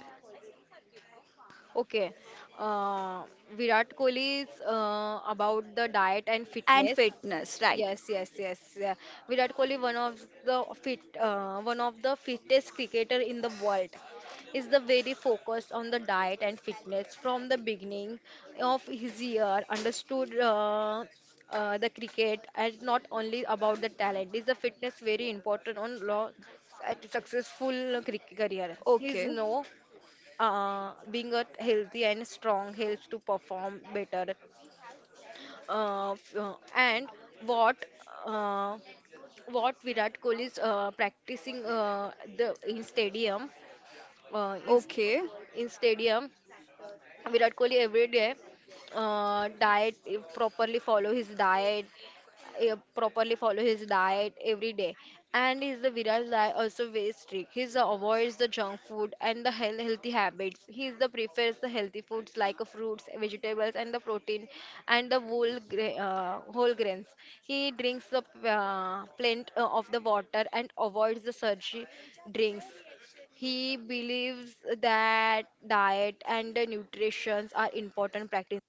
[SPEAKER 2] Okay. Uh, Virat Kohli is uh, about the diet and
[SPEAKER 1] And
[SPEAKER 2] fitness.
[SPEAKER 1] fitness, right?
[SPEAKER 2] Yes, yes, yes, yeah. Virat Kohli, one of the fit, uh, one of the fittest cricketer in the world, is the very focused on the diet and fitness from the beginning of his year. Understood uh, uh, the cricket and not only about the talent. Is the fitness very important on long, successful cricket career? He's
[SPEAKER 1] Okay,
[SPEAKER 2] no. Uh, being a healthy and strong helps to perform better. Uh, f- uh, and what uh, what Virat Kohli is uh, practicing uh, the in stadium uh, in, st-
[SPEAKER 1] okay.
[SPEAKER 2] in stadium Virat Kohli every day uh, diet eh, properly follow his diet eh, properly follow his diet every day and is the Virat's diet also very strict. He avoids the junk food and the health, healthy habits. He is the prefers the healthy foods like uh, fruits vegetables and the protein and the whole gra- uh, whole grains. He drinks the uh, plenty uh, of the water and avoids the surgery drinks. He believes that diet and the nutrition are important practice.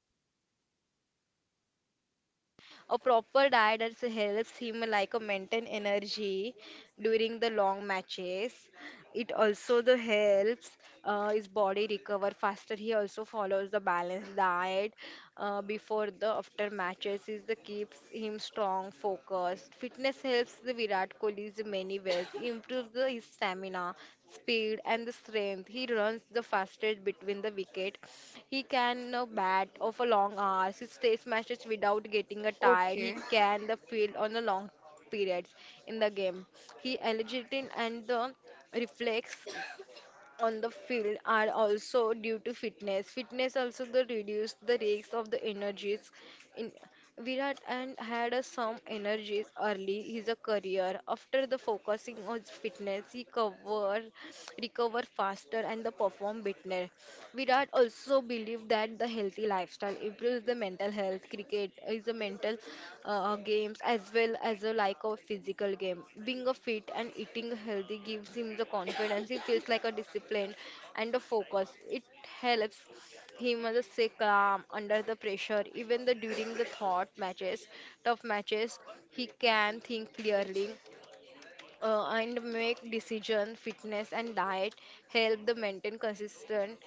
[SPEAKER 2] A proper diet that helps him like a maintain energy during the long matches. It also the helps uh, his body recover faster. He also follows the balanced diet uh, before the after matches. Is the keeps him strong strong, focused. Fitness helps the Virat Kohli in many ways. He improves the, his stamina, speed, and the strength. He runs the fastest between the wicket. He can uh, bat of a long hours. He stays matches without getting a tired. He
[SPEAKER 1] Okay.
[SPEAKER 2] can the field on the long periods in the game. He agility and the reflex on the field are also due to fitness. Fitness also the reduce the risks of the energies. In Virat and had a some energies early his a career. After the focusing on fitness, he cover recover faster and the perform better. Virat also believed that the healthy lifestyle improves the mental health. Cricket is a mental uh, games as well as a like a physical game. Being a fit and eating healthy gives him the confidence. He feels like a disciplined and a focus. It helps him as a stay calm under the pressure, even the during the thought matches, tough matches. He can think clearly uh, and make decision fitness and diet help the maintain consistent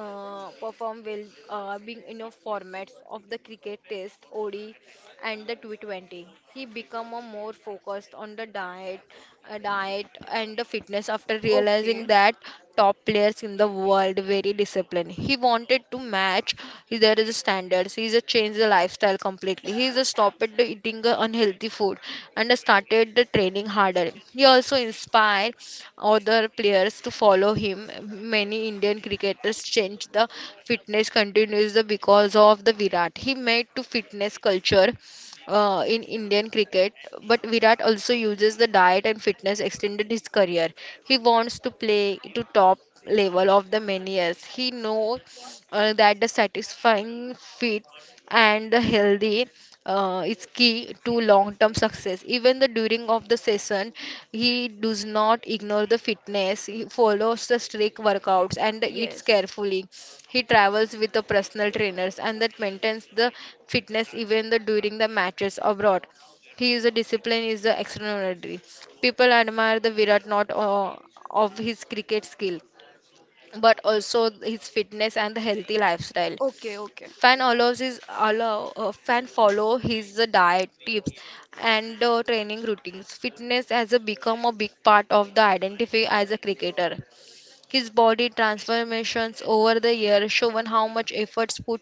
[SPEAKER 2] uh, perform well uh, being in a formats of the cricket test O D and the T twenty. He become a more focused on the diet uh, diet and the fitness after realizing
[SPEAKER 1] Okay.
[SPEAKER 2] that top players in the world, very disciplined. He wanted to match there is standards. He's a change the lifestyle completely. He's a stopped the eating uh, unhealthy food and started the training harder. He also inspired other players to follow him. Many Indian cricketers changed the fitness continues the because of the Virat. He made to fitness culture uh, in Indian cricket, but Virat also uses the diet and fitness extended his career. He wants to play to top level of the many years. He knows uh, that the satisfying fit and healthy uh, is key to long term success. Even the during of the session, he does not ignore the fitness. He follows the strict workouts and eats
[SPEAKER 1] Yes.
[SPEAKER 2] carefully. He travels with the personal trainers and that maintains the fitness even the during the matches abroad. He is a discipline is the extraordinary. People admire the virat not uh, of his cricket skill but also his fitness and the healthy lifestyle.
[SPEAKER 1] Okay. Okay.
[SPEAKER 2] Fan allows his allow uh, fan follow his uh, diet tips and uh, training routines. Fitness has uh, become a big part of the identity as a cricketer. His body transformations over the years shown how much efforts put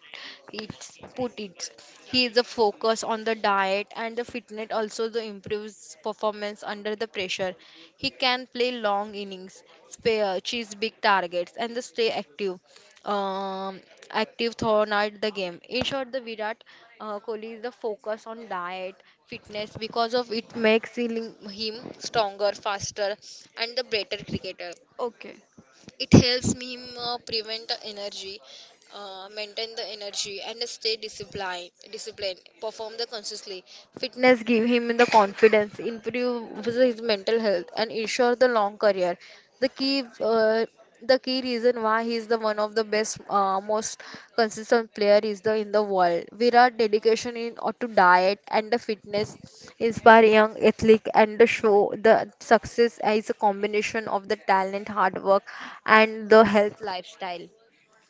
[SPEAKER 2] it put it. He is a focus on the diet and the fitness also the improves performance under the pressure. He can play long innings, spare chase big targets and the stay active. Um, Active throughout the game. In short, the Virat uh, Kohli is the focus on diet, fitness because of it makes him him stronger, faster, and the better cricketer.
[SPEAKER 1] Okay.
[SPEAKER 2] It helps me um, uh, prevent the energy uh, maintain the energy and stay disciplined disciplined perform the consciously. Fitness give him the confidence improves his mental health and ensure the long career. the key, uh, the key reason why he is the one of the best, uh, most consistent player is the in the world. Virat dedication in or to diet and the fitness inspire young athlete and the show the success is a combination of the talent, hard work, and the health lifestyle.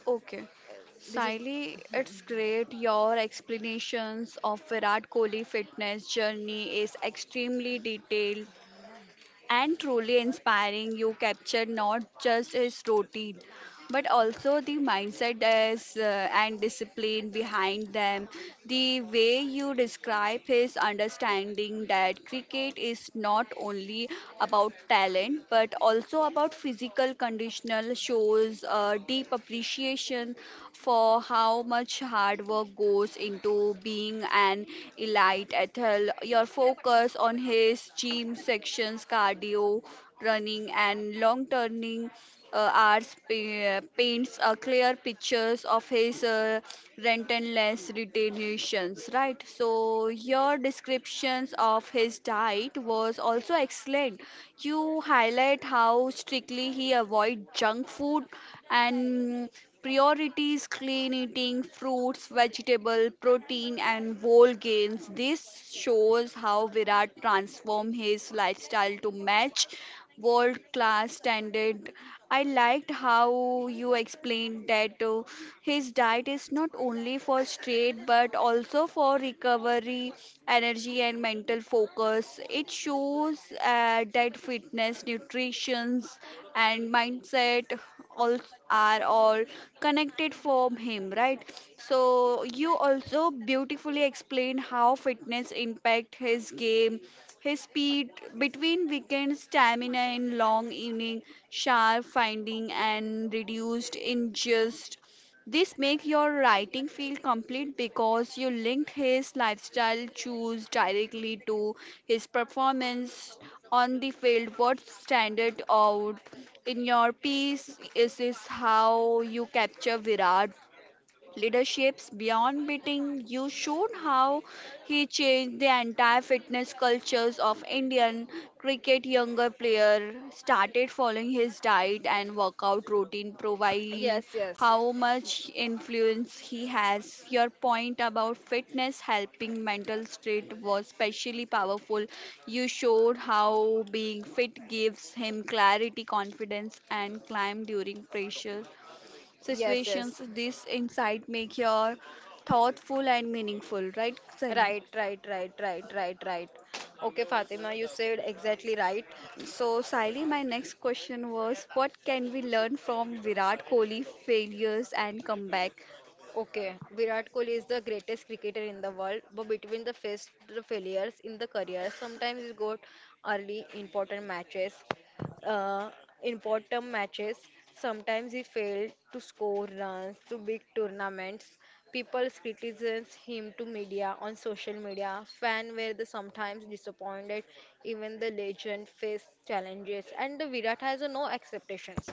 [SPEAKER 1] Okay.
[SPEAKER 2] This is
[SPEAKER 1] Siley, it's great. Your explanations of Virat Kohli fitness journey is extremely detailed and truly inspiring. You captured not just his routine, but also the mindset is, uh, and discipline behind them. The way you describe his understanding that cricket is not only about talent but also about physical conditional shows a deep appreciation for how much hard work goes into being an elite athlete. Your focus on his gym sections, cardio running, and long turning uh, hours pa- paints a clear pictures of his uh, relentless retentions, right? So your descriptions of his diet was also excellent. You highlight how strictly he avoid junk food and priorities clean eating, fruits, vegetable, protein, and whole grains. This shows how Virat transformed his lifestyle to match world class standard. I liked how you explained that uh, his diet is not only for strength but also for recovery, energy, and mental focus because it shows uh, that fitness, nutrition, and mindset all are all connected for him, right? So you also beautifully explain how fitness impact his game, his speed between weekends, stamina in long evening, sharp finding, and reduced ingest. This make your writing feel complete because you linked his lifestyle choose directly to his performance on the field. What standard out in your piece is is how you capture Virat leaderships beyond beating. You showed how he changed the entire fitness cultures of indian cricket. Younger player started following his diet and workout routine, providing
[SPEAKER 2] yes, yes,
[SPEAKER 1] how much influence he has. Your point about fitness helping mental state was especially powerful. You showed how being fit gives him clarity, confidence, and climb during pressure
[SPEAKER 2] yes,
[SPEAKER 1] situations.
[SPEAKER 2] yes.
[SPEAKER 1] This insight make your thoughtful and meaningful, right Sally?
[SPEAKER 2] Right, right, right, right, right, right. Okay, Fatima, you said exactly right.
[SPEAKER 1] So Sally, my next question was, what can we learn from Virat Kohli failures and comeback?
[SPEAKER 2] Okay, Virat Kohli is the greatest cricketer in the world, but between the first the failures in the career, sometimes he got early important matches uh, important matches. Sometimes he failed to score runs to big tournaments. People criticized him to media on social media. Fans were the sometimes disappointed. Even the legend faced challenges, and the Virat has uh, no expectations.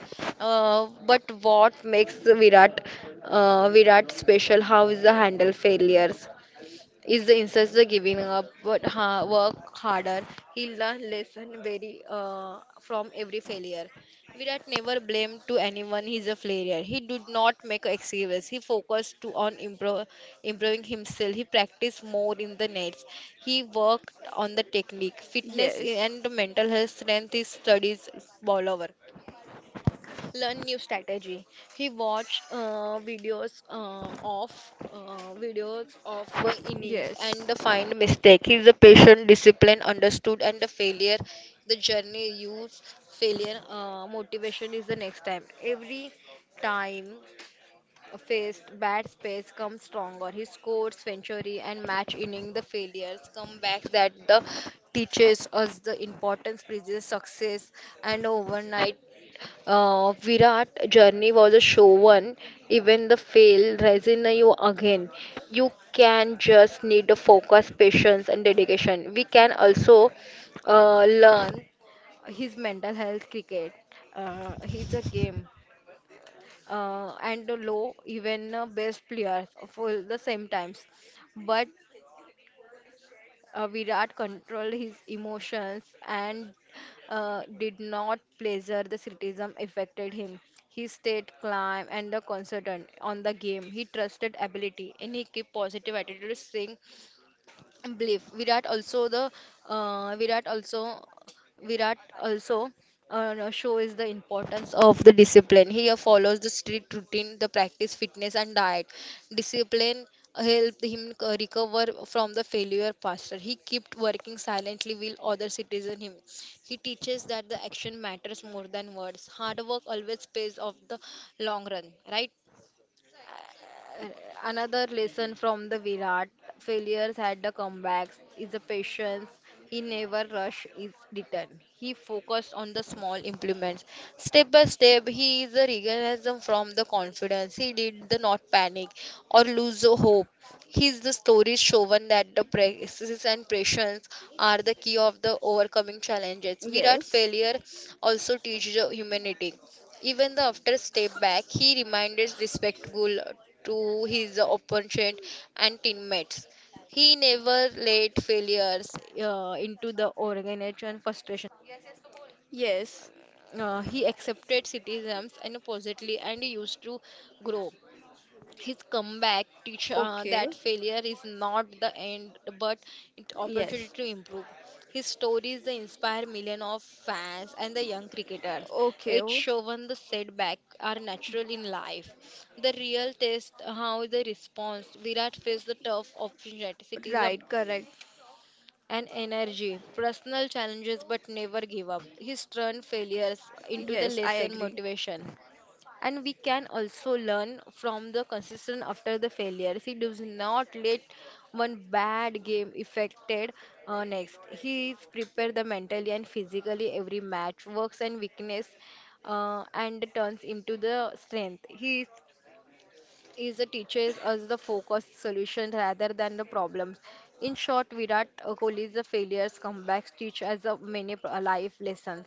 [SPEAKER 2] Uh, but what makes the Virat uh, Virat special? How is the handle failures? Is the ancestor giving up, but ha work harder? He learned lesson very uh, from every failure. Virat never blamed to anyone his a failure. He did not make excuses. He focused to on improve, improving himself. He practiced more in the nets. He worked on the technique, fitness,
[SPEAKER 1] Yes.
[SPEAKER 2] and mental health strength. His studies all over learn new strategy, he watched uh, videos uh, of uh, videos of uh, innings and
[SPEAKER 1] Yes.
[SPEAKER 2] the find mistake he's a patient discipline understood and the failure the journey use failure uh, motivation is the next time every time faced bad space comes stronger, he scores century and match inning the failures comebacks that the teaches us the importance previous success and overnight. uh, Virat journey was a show one. Even the fail, resin you again. You can just need the focus, patience, and dedication. We can also uh, learn his mental health cricket. Uh, he's a game uh, and low even uh, best players for the same times. But uh, Virat controlled his emotions and uh, did not pleasure the criticism affected him. He stayed calm and the concentrated on the game. He trusted ability and he kept positive attitude, staying belief. Virat also the uh, virat also virat also uh, shows the importance of the discipline. He follows the strict routine, the practice fitness and diet discipline helped him c- recover from the failure faster. He kept working silently with other citizen him. He teaches that the action matters more than words, hard work always pays off the long run, right? And another lesson from the Virat failures at the comebacks is the patience. He never rush his return. He focused on the small implements. Step by step, he is the realism from the confidence. He did the not panic or lose the hope. His the stories shown that the practices and patience are the key of the overcoming challenges. Virat
[SPEAKER 1] Yes.
[SPEAKER 2] failure also teaches the humanity. Even the after step back, he remained respectful to his opponent and teammates. He never let failures uh, into the organization frustration.
[SPEAKER 1] Yes.
[SPEAKER 2] Uh, he accepted criticisms and positively and used to grow. His comeback teach uh,
[SPEAKER 1] Okay.
[SPEAKER 2] that failure is not the end, but it opportunity
[SPEAKER 1] Yes.
[SPEAKER 2] to improve. His stories they inspire millions of fans and the young cricketers. It
[SPEAKER 1] Okay.
[SPEAKER 2] shown the setback are natural in life. The real test how the response Virat faced the tough opportunities um,
[SPEAKER 1] Right, correct.
[SPEAKER 2] and energy, personal challenges, but never give up. He turned failures into the
[SPEAKER 1] Yes, I
[SPEAKER 2] lesson
[SPEAKER 1] agree.
[SPEAKER 2] motivation, and we can also learn from the consistent. After the failure, he does not let one bad game affected uh, next. He is prepared the mentally and physically every match works and weakness uh, and turns into the strength. He is is the teaches us the focused solution rather than the problems. In short, Virat uh, Kohli's the failures comebacks teach us the many pro- life lessons.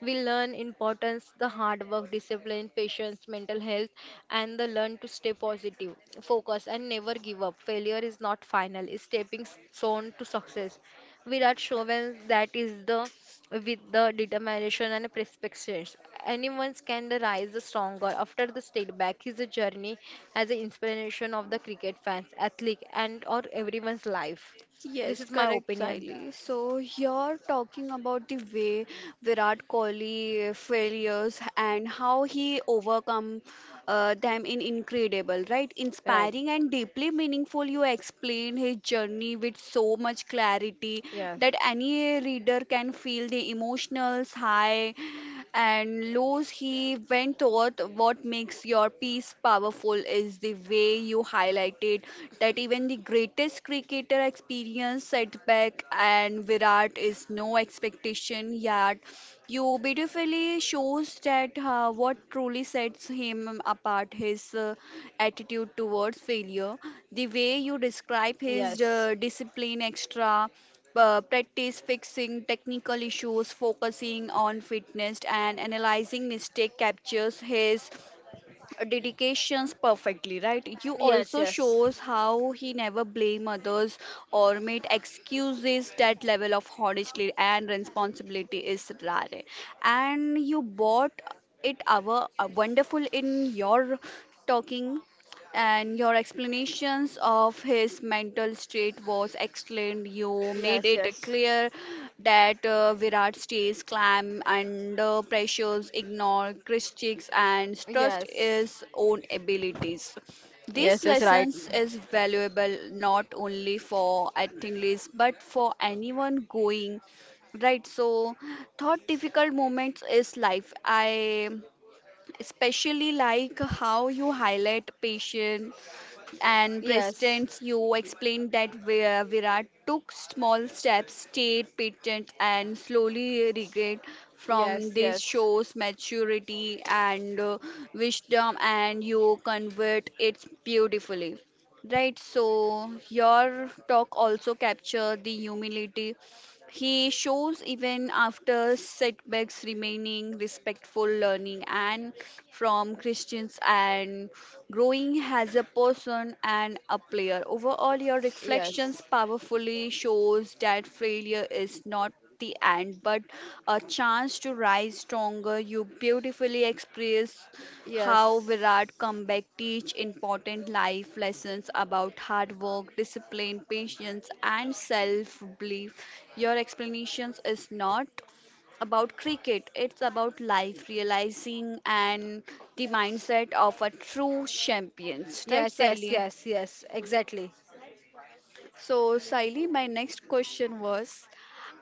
[SPEAKER 2] We learn importance, the hard work, discipline, patience, mental health, and the learn to stay positive, focus, and never give up. Failure is not final; it's stepping stone to success. Virat shows that is the with the determination and perspective. Anyone can rise stronger after the state back. His journey as an inspiration of the cricket fans, athlete and or everyone's life. This
[SPEAKER 1] Yes,
[SPEAKER 2] is my
[SPEAKER 1] correct,
[SPEAKER 2] opinion,
[SPEAKER 1] Siley. So you're talking about the way Virat Kohli failures and how he overcome uh, them in incredible, right?
[SPEAKER 2] right?
[SPEAKER 1] Inspiring and deeply meaningful. You explain his journey with so much clarity
[SPEAKER 2] Yes.
[SPEAKER 1] that any reader can feel the emotional high and Lowe's, he went taught. What makes your piece powerful is the way you highlighted that even the greatest cricketer experience setback and Virat is no expectation yet. You beautifully shows that uh, what truly sets him apart his uh, attitude towards failure. The way you describe his
[SPEAKER 2] Yes.
[SPEAKER 1] uh, discipline extra uh, practice fixing technical issues, focusing on fitness and analyzing mistake captures his dedications perfectly, right? You
[SPEAKER 2] Yes,
[SPEAKER 1] also
[SPEAKER 2] yes.
[SPEAKER 1] shows how he never blame others or made excuses. That level of honesty and responsibility is rare. And you bought it our uh, wonderful in your talking. And your explanations of his mental state was excellent. You made
[SPEAKER 2] Yes,
[SPEAKER 1] it
[SPEAKER 2] yes.
[SPEAKER 1] clear that uh, Virat stays calm under pressures, ignore critics, and trust
[SPEAKER 2] Yes.
[SPEAKER 1] his own abilities. These
[SPEAKER 2] Yes, yes, right.
[SPEAKER 1] lessons is valuable not only for athletes but for anyone going right. So thought difficult moments is life. I especially like how you highlight patience and
[SPEAKER 2] Yes,
[SPEAKER 1] President Yu. Explained that Vi- Virat took small steps, state patents, and slowly regained from
[SPEAKER 2] yes,
[SPEAKER 1] this.
[SPEAKER 2] yes,
[SPEAKER 1] Shows maturity and uh, wisdom, and you convert it beautifully. Right, so your talk also capture the humility he shows even after setbacks, remaining respectful, learning and from Christians and growing as a person and a player. Overall, your reflections
[SPEAKER 2] yes,
[SPEAKER 1] powerfully shows that failure is not the end, but a chance to rise stronger. You beautifully express how
[SPEAKER 2] yes.
[SPEAKER 1] Virat comeback teach important life lessons about hard work, discipline, patience, and self-belief. Your explanations is not about cricket, it's about life realizing and the mindset of a true champion, right
[SPEAKER 2] Yes, yes,
[SPEAKER 1] Sally?
[SPEAKER 2] yes, yes, exactly.
[SPEAKER 1] So, Saili, my next question was,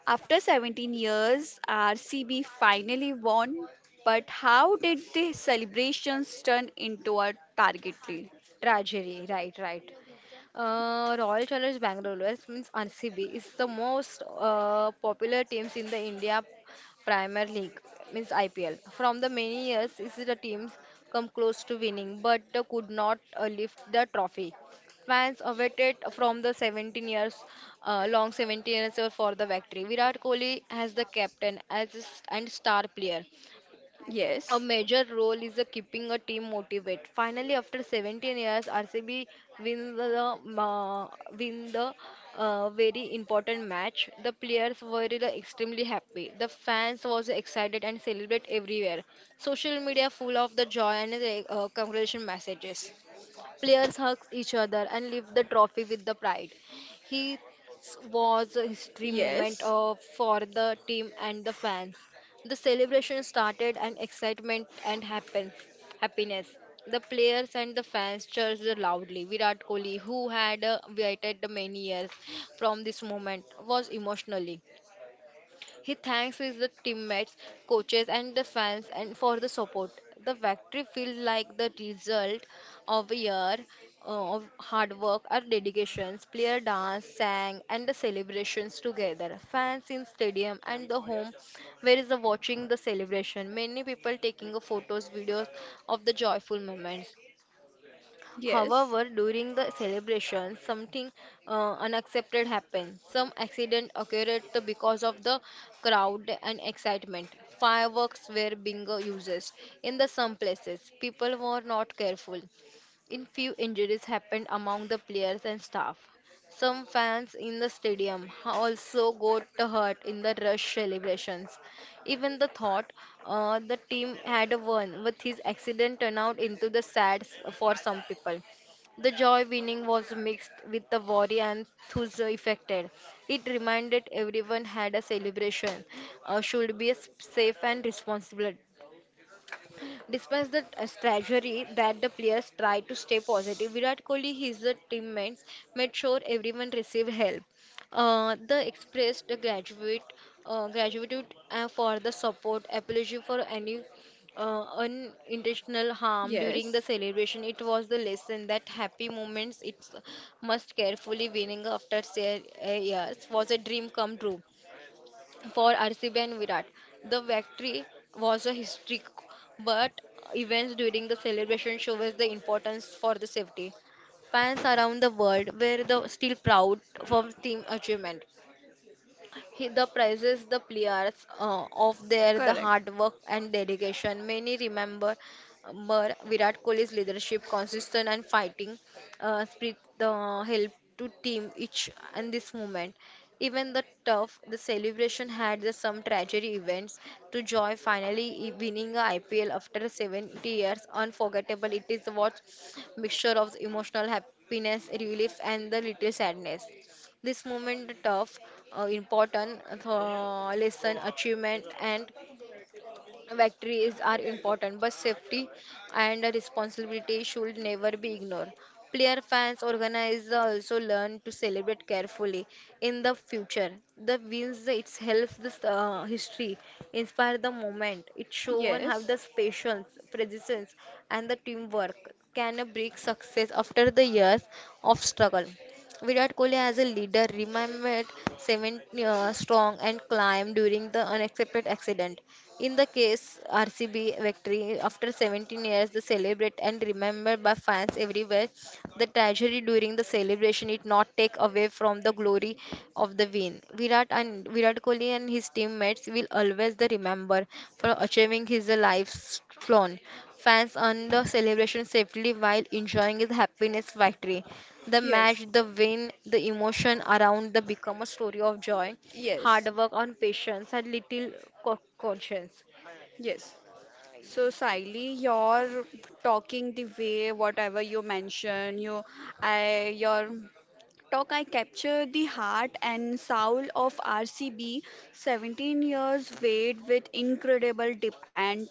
[SPEAKER 1] after seventeen years, R C B finally won, but how did the celebrations turn into a target league?
[SPEAKER 2] Tragedy, right, right. Uh, Royal Challenge Bangalore means R C B is the most uh, popular teams in the India Premier League means I P L. From the many years, is the teams come close to winning but uh, could not uh, lift the trophy. Fans awaited from the seventeen years uh, long seventeen years for the victory. Virat Kohli as the captain as a s- and star player. A
[SPEAKER 1] Yes.
[SPEAKER 2] major role is a keeping a team motivated. Finally, after seventeen years, R C B win the uh, win the uh, very important match. The players were uh, extremely happy. The fans was excited and celebrate everywhere. Social media full of the joy and uh, congratulation messages. Players hugged each other and lifted the trophy with the pride. He was a history moment
[SPEAKER 1] Yes.
[SPEAKER 2] uh, for the team and the fans. The celebration started and excitement and happen- happiness. The players and the fans cheered loudly. Virat Kohli, who had uh, waited many years from this moment, was emotionally. He thanks his teammates, coaches, and the fans and for the support. The victory feels like the result of a year uh, of hard work or dedications. Player dance, sang, and the celebrations together. Fans in stadium and the home where is the watching the celebration. Many people taking a photos, videos of the joyful moments.
[SPEAKER 1] Yes.
[SPEAKER 2] However, during the celebration, something uh, unaccepted happened. Some accident occurred the- because of the crowd and excitement. Fireworks were being uh, used in the some places. People were not careful in few injuries happened among the players and staff. Some fans in the stadium also got hurt in the rush celebrations. Even the thought uh, the team had won with his accident turned out into the sad s- for some people. The joy winning was mixed with the worry and thus affected. It reminded everyone had a celebration uh, should be s- safe and responsible. Despite the uh, strategy that the players tried to stay positive, Virat Kohli, his uh, teammates made sure everyone received help. Uh, they expressed the graduate uh, gratitude uh, for the support, apology for any uh, unintentional harm during
[SPEAKER 1] Yes.
[SPEAKER 2] the celebration. It was the lesson that happy moments it's must carefully winning after se- uh, years was a dream come true for R C B and Virat. The victory was a historic, but events during the celebration show us the importance for the safety. Fans around the world were the, still proud for team achievement. He the prizes the players uh, of their the
[SPEAKER 1] Correct.
[SPEAKER 2] hard work and dedication. Many remember remember Virat Kohli's leadership, consistent and fighting uh, spirit the help to team each and this moment. Even the tough, the celebration had the, some tragedy events to joy finally i- winning a I P L after seventy years. Unforgettable, it is what mixture of emotional happiness, relief and the little sadness. This moment of uh, important uh, lesson, achievement, and victories are important, but safety and responsibility should never be ignored. Player fans, organizers also learn to celebrate carefully in the future. The wins it helps the uh, history, inspire the moment. It shows how the patience, presence, and the teamwork can bring success after the years of struggle. Virat Kohli as a leader remained seven uh, strong and climbed during the unexpected accident. In the case R C B victory, after seventeen years, they celebrate and remembered by fans everywhere. The tragedy during the celebration did not take away from the glory of the win. Virat and Virat Kohli and his teammates will always the remember for achieving his life's flown. Fans on the celebration safely while enjoying his happiness victory. The
[SPEAKER 1] Yes.
[SPEAKER 2] match, the win, the emotion around the become a story of joy,
[SPEAKER 1] Yes.
[SPEAKER 2] hard
[SPEAKER 1] Yes.
[SPEAKER 2] work and patience and little co- conscience.
[SPEAKER 1] Yes. So, Saili, you're talking the way whatever you mention, you, I, your talk I capture the heart and soul of R C B. seventeen years wait with incredible depth. And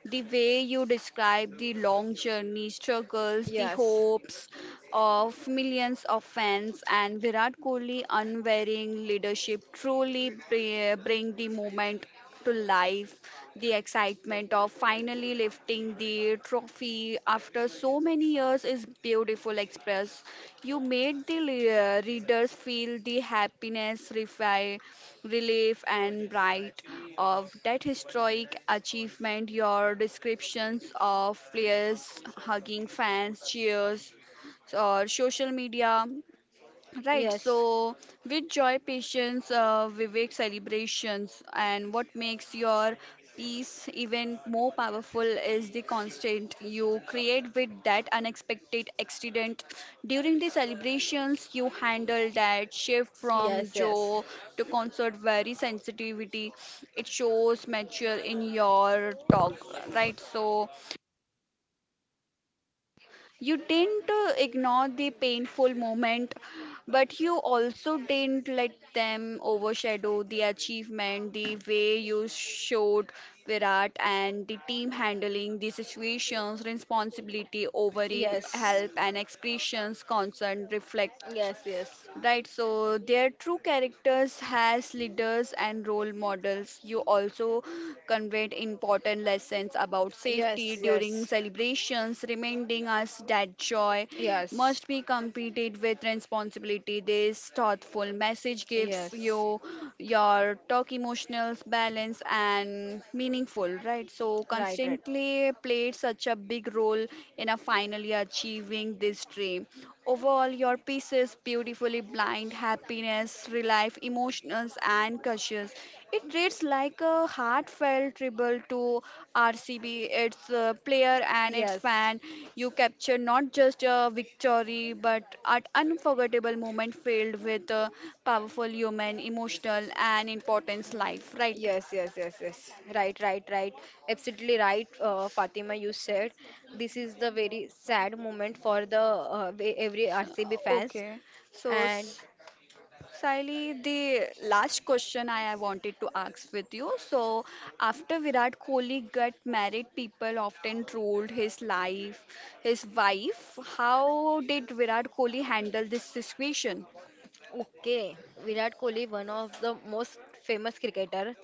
[SPEAKER 1] the way you describe the long journey, struggles, the
[SPEAKER 2] Yes.
[SPEAKER 1] hopes of millions of fans, and Virat Kohli unwavering leadership truly bri- bring the moment to life. The excitement of finally lifting the trophy after so many years is beautiful express. You made the le- uh, readers feel the happiness, refi- relief and pride of that historic achievement. Your descriptions of players hugging fans, cheers, or social media, right,
[SPEAKER 2] Yes,
[SPEAKER 1] so with joy, patience, uh, Vivek celebrations. And what makes your peace even more powerful is the constant you create with that unexpected accident. During the celebrations, you handle that shift from
[SPEAKER 2] yes, yes,
[SPEAKER 1] joy to concert very sensitivity. It shows mature in your talk, right? So you didn't uh, ignore the painful moment, but you also didn't let them overshadow the achievement. The way you showed Virat and the team handling the situations, responsibility, overing
[SPEAKER 2] yes,
[SPEAKER 1] help, and expressions concern reflect,
[SPEAKER 2] yes, yes,
[SPEAKER 1] right, so their true characters as leaders and role models. You also conveyed important lessons about safety
[SPEAKER 2] yes,
[SPEAKER 1] during
[SPEAKER 2] yes.
[SPEAKER 1] celebrations, reminding us that joy
[SPEAKER 2] Yes.
[SPEAKER 1] must be competed with responsibility. This thoughtful message gives
[SPEAKER 2] Yes.
[SPEAKER 1] you your talk emotional balance and meaningful, right? So
[SPEAKER 2] Right, right.
[SPEAKER 1] constantly played such a big role in a finally achieving this dream. Overall, your pieces beautifully blind happiness, relief, emotions, and cautious. It reads like a heartfelt tribute to R C B, its uh, player and its
[SPEAKER 2] Yes,
[SPEAKER 1] fan. You capture not just a victory, but an unforgettable moment filled with uh, powerful human, emotional, and importance life, right?
[SPEAKER 2] yes, yes, yes, yes. Right, right, right. Absolutely right, uh, Fatima. You said this is the very sad moment for the uh, ve- every
[SPEAKER 1] So-
[SPEAKER 2] R C B fans,
[SPEAKER 1] Okay, so
[SPEAKER 2] and
[SPEAKER 1] S- Sally, the last question I I wanted to ask with you. So, after Virat Kohli got married, people often trolled his life, his wife. How did Virat Kohli handle this situation?
[SPEAKER 2] okay, Virat Kohli, one of the most famous cricketer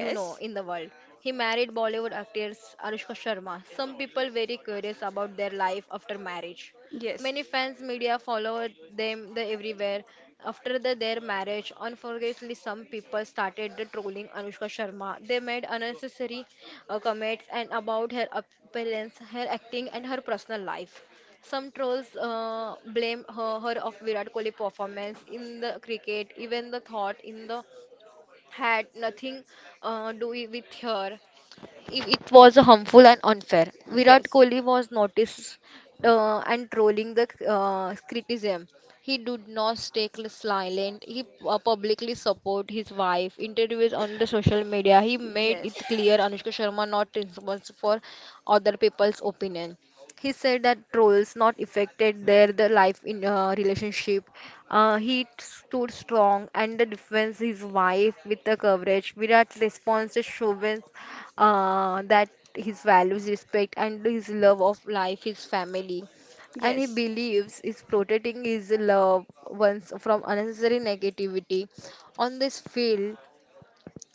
[SPEAKER 2] you know in the world. He married Bollywood actress Anushka Sharma. Some people very curious about their life after marriage.
[SPEAKER 1] yes.
[SPEAKER 2] Many fans, media follow them the everywhere. After the, their marriage, unfortunately, some people started the trolling Anushka Sharma. They made unnecessary uh, comments and about her appearance, her acting, and her personal life. Some trolls uh, blame her, her of Virat Kohli performance in the cricket, even the thought in the had nothing uh, do i- with her. If it was harmful and unfair. Virat
[SPEAKER 1] Yes.
[SPEAKER 2] Kohli was noticed uh, and trolling the uh, criticism. He did not stay cl- silent. He uh, publicly support his wife. Interviews on the social media. He made it clear Anushka Sharma not responsible for other people's opinion he said that trolls not affected their the life in uh, relationship uh, he stood strong and the defense his wife with the coverage virat's response shows uh, that his values respect and his love of life his family and he
[SPEAKER 1] Yes. Yes.
[SPEAKER 2] believes is protecting his loved ones from unnecessary negativity on this field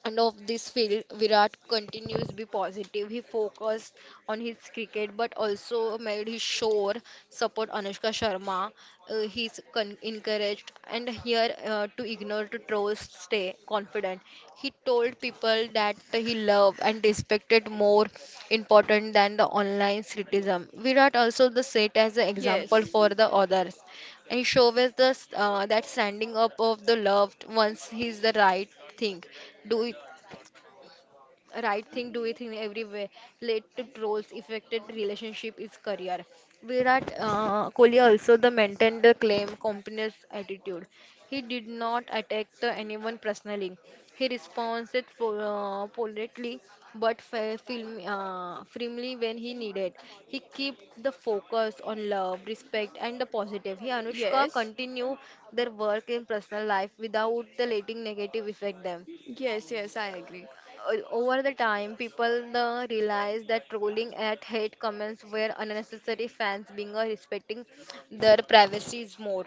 [SPEAKER 2] and of this field, Virat continues to be positive. He focused on his cricket but also made his sure support Anushka Sharma. Uh, he's con- encouraged and here uh, to ignore to trust, stay confident. He told people that he loved and respected more important than the online criticism. Virat also the set as an example
[SPEAKER 1] Yes.
[SPEAKER 2] for the others and shows the uh, that standing up of the loved ones is the right thing do right thing do it in every way led to trolls affected relationship is career virat uh, kohli also the maintained the claim company's attitude he did not attack the anyone personally he responded po- uh, politely but fa- film, uh, firmly when he needed he kept the focus on love respect and the positive he anushka
[SPEAKER 1] Yes,
[SPEAKER 2] continue their work in personal life without the letting negative affect them
[SPEAKER 1] yes, yes, I agree.
[SPEAKER 2] o- over the time, people uh, realized that trolling at hate comments were unnecessary. Fans being uh, respecting their privacy is more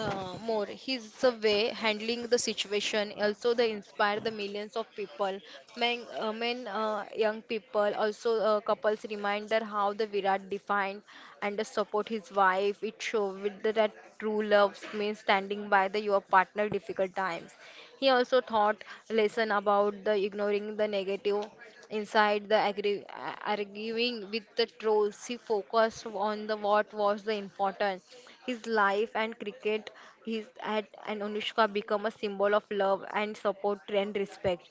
[SPEAKER 2] uh, more. His uh, way handling the situation also they inspire the millions of people. Men, uh, men, uh, young people also uh, couples reminder how the Virat defined and the support his wife. It shows with the, that true love means standing by the your partner difficult times. He also taught lesson about the ignoring the negative. Inside the agri- a- arguing with the trolls, he focused on the what was the important, his life and cricket. His at and Anushka become a symbol of love and support and respect.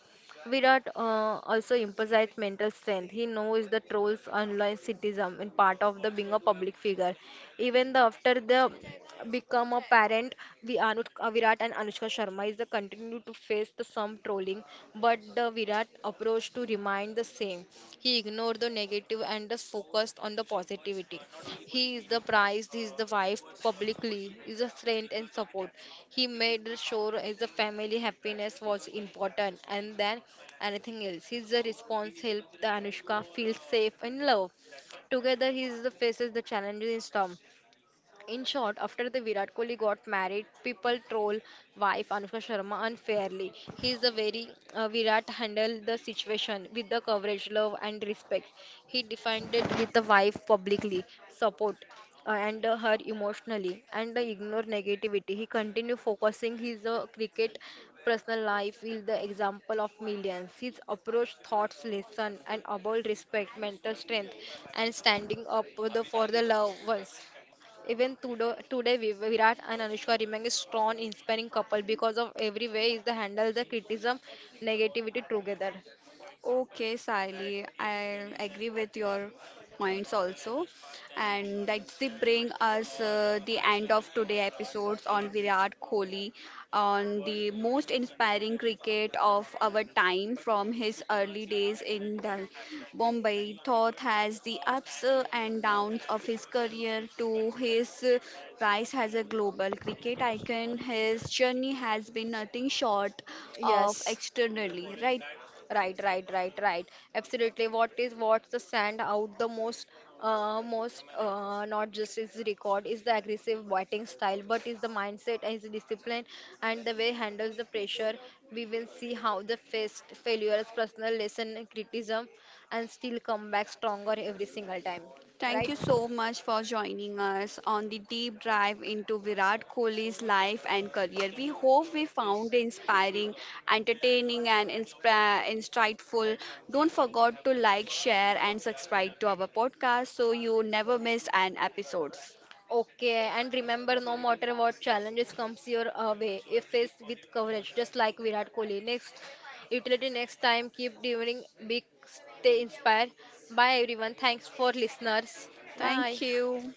[SPEAKER 2] Virat uh, also emphasized mental strength. He knows the trolls online citizen in part of the being a public figure. Even the after the become a parent, we Anushka Virat and Anushka Sharma is the continue to face the some trolling, but the Virat approach to remind the same same. He ignored the negative and just focused on the positivity. He is the prize, he is the wife publicly, is a strength and support. He made sure his family happiness was important and then anything else. His response helped the Anushka feel safe and loved. Together, he is the faces the challenges in storm. In short, after the Virat Kohli got married, people troll wife Anushka Sharma unfairly. He is the very uh, Virat handled the situation with the coverage, love and respect. He defined it with the wife publicly, support uh, and uh, her emotionally, and uh, ignore negativity. He continued focusing his uh, cricket personal life is the example of millions. His approach, thoughts, lesson, and about respect, mental strength, and standing up for the, for the loved ones. Even today, today Vi- Virat and Anushka remain a strong, inspiring couple because of every way is they handle the criticism, negativity together.
[SPEAKER 1] Okay, Sally, I agree with your points also. And that's the bring us uh, the end of today episodes on Virat Kohli, on the most inspiring cricket of our time, from his early days in the Bombay. Thoth has the ups uh, and downs of his career to his uh, rise as a global cricket icon. His journey has been nothing short of
[SPEAKER 2] Yes,
[SPEAKER 1] extraordinary, right?
[SPEAKER 2] right, right, right, right. Absolutely. What is what's the stand out the most, uh, most uh, not just his record is the aggressive batting style, but is the mindset, his discipline, and the way he handles the pressure. We will see how the faced failures, personal lesson, criticism, and still come back stronger every single time.
[SPEAKER 1] Thank
[SPEAKER 2] Right?
[SPEAKER 1] you so much for joining us on the deep dive into Virat Kohli's life and career. We hope we found it inspiring, entertaining, and insp- insightful. Don't forget to like, share, and subscribe to our podcast so you never miss an episode.
[SPEAKER 2] Okay, and remember, no matter what challenges comes your uh, way, if faced with coverage, just like Virat Kohli. Next, utility next time, keep doing big, stay inspired. Bye everyone. Thanks for listeners. Bye.
[SPEAKER 1] Thank you.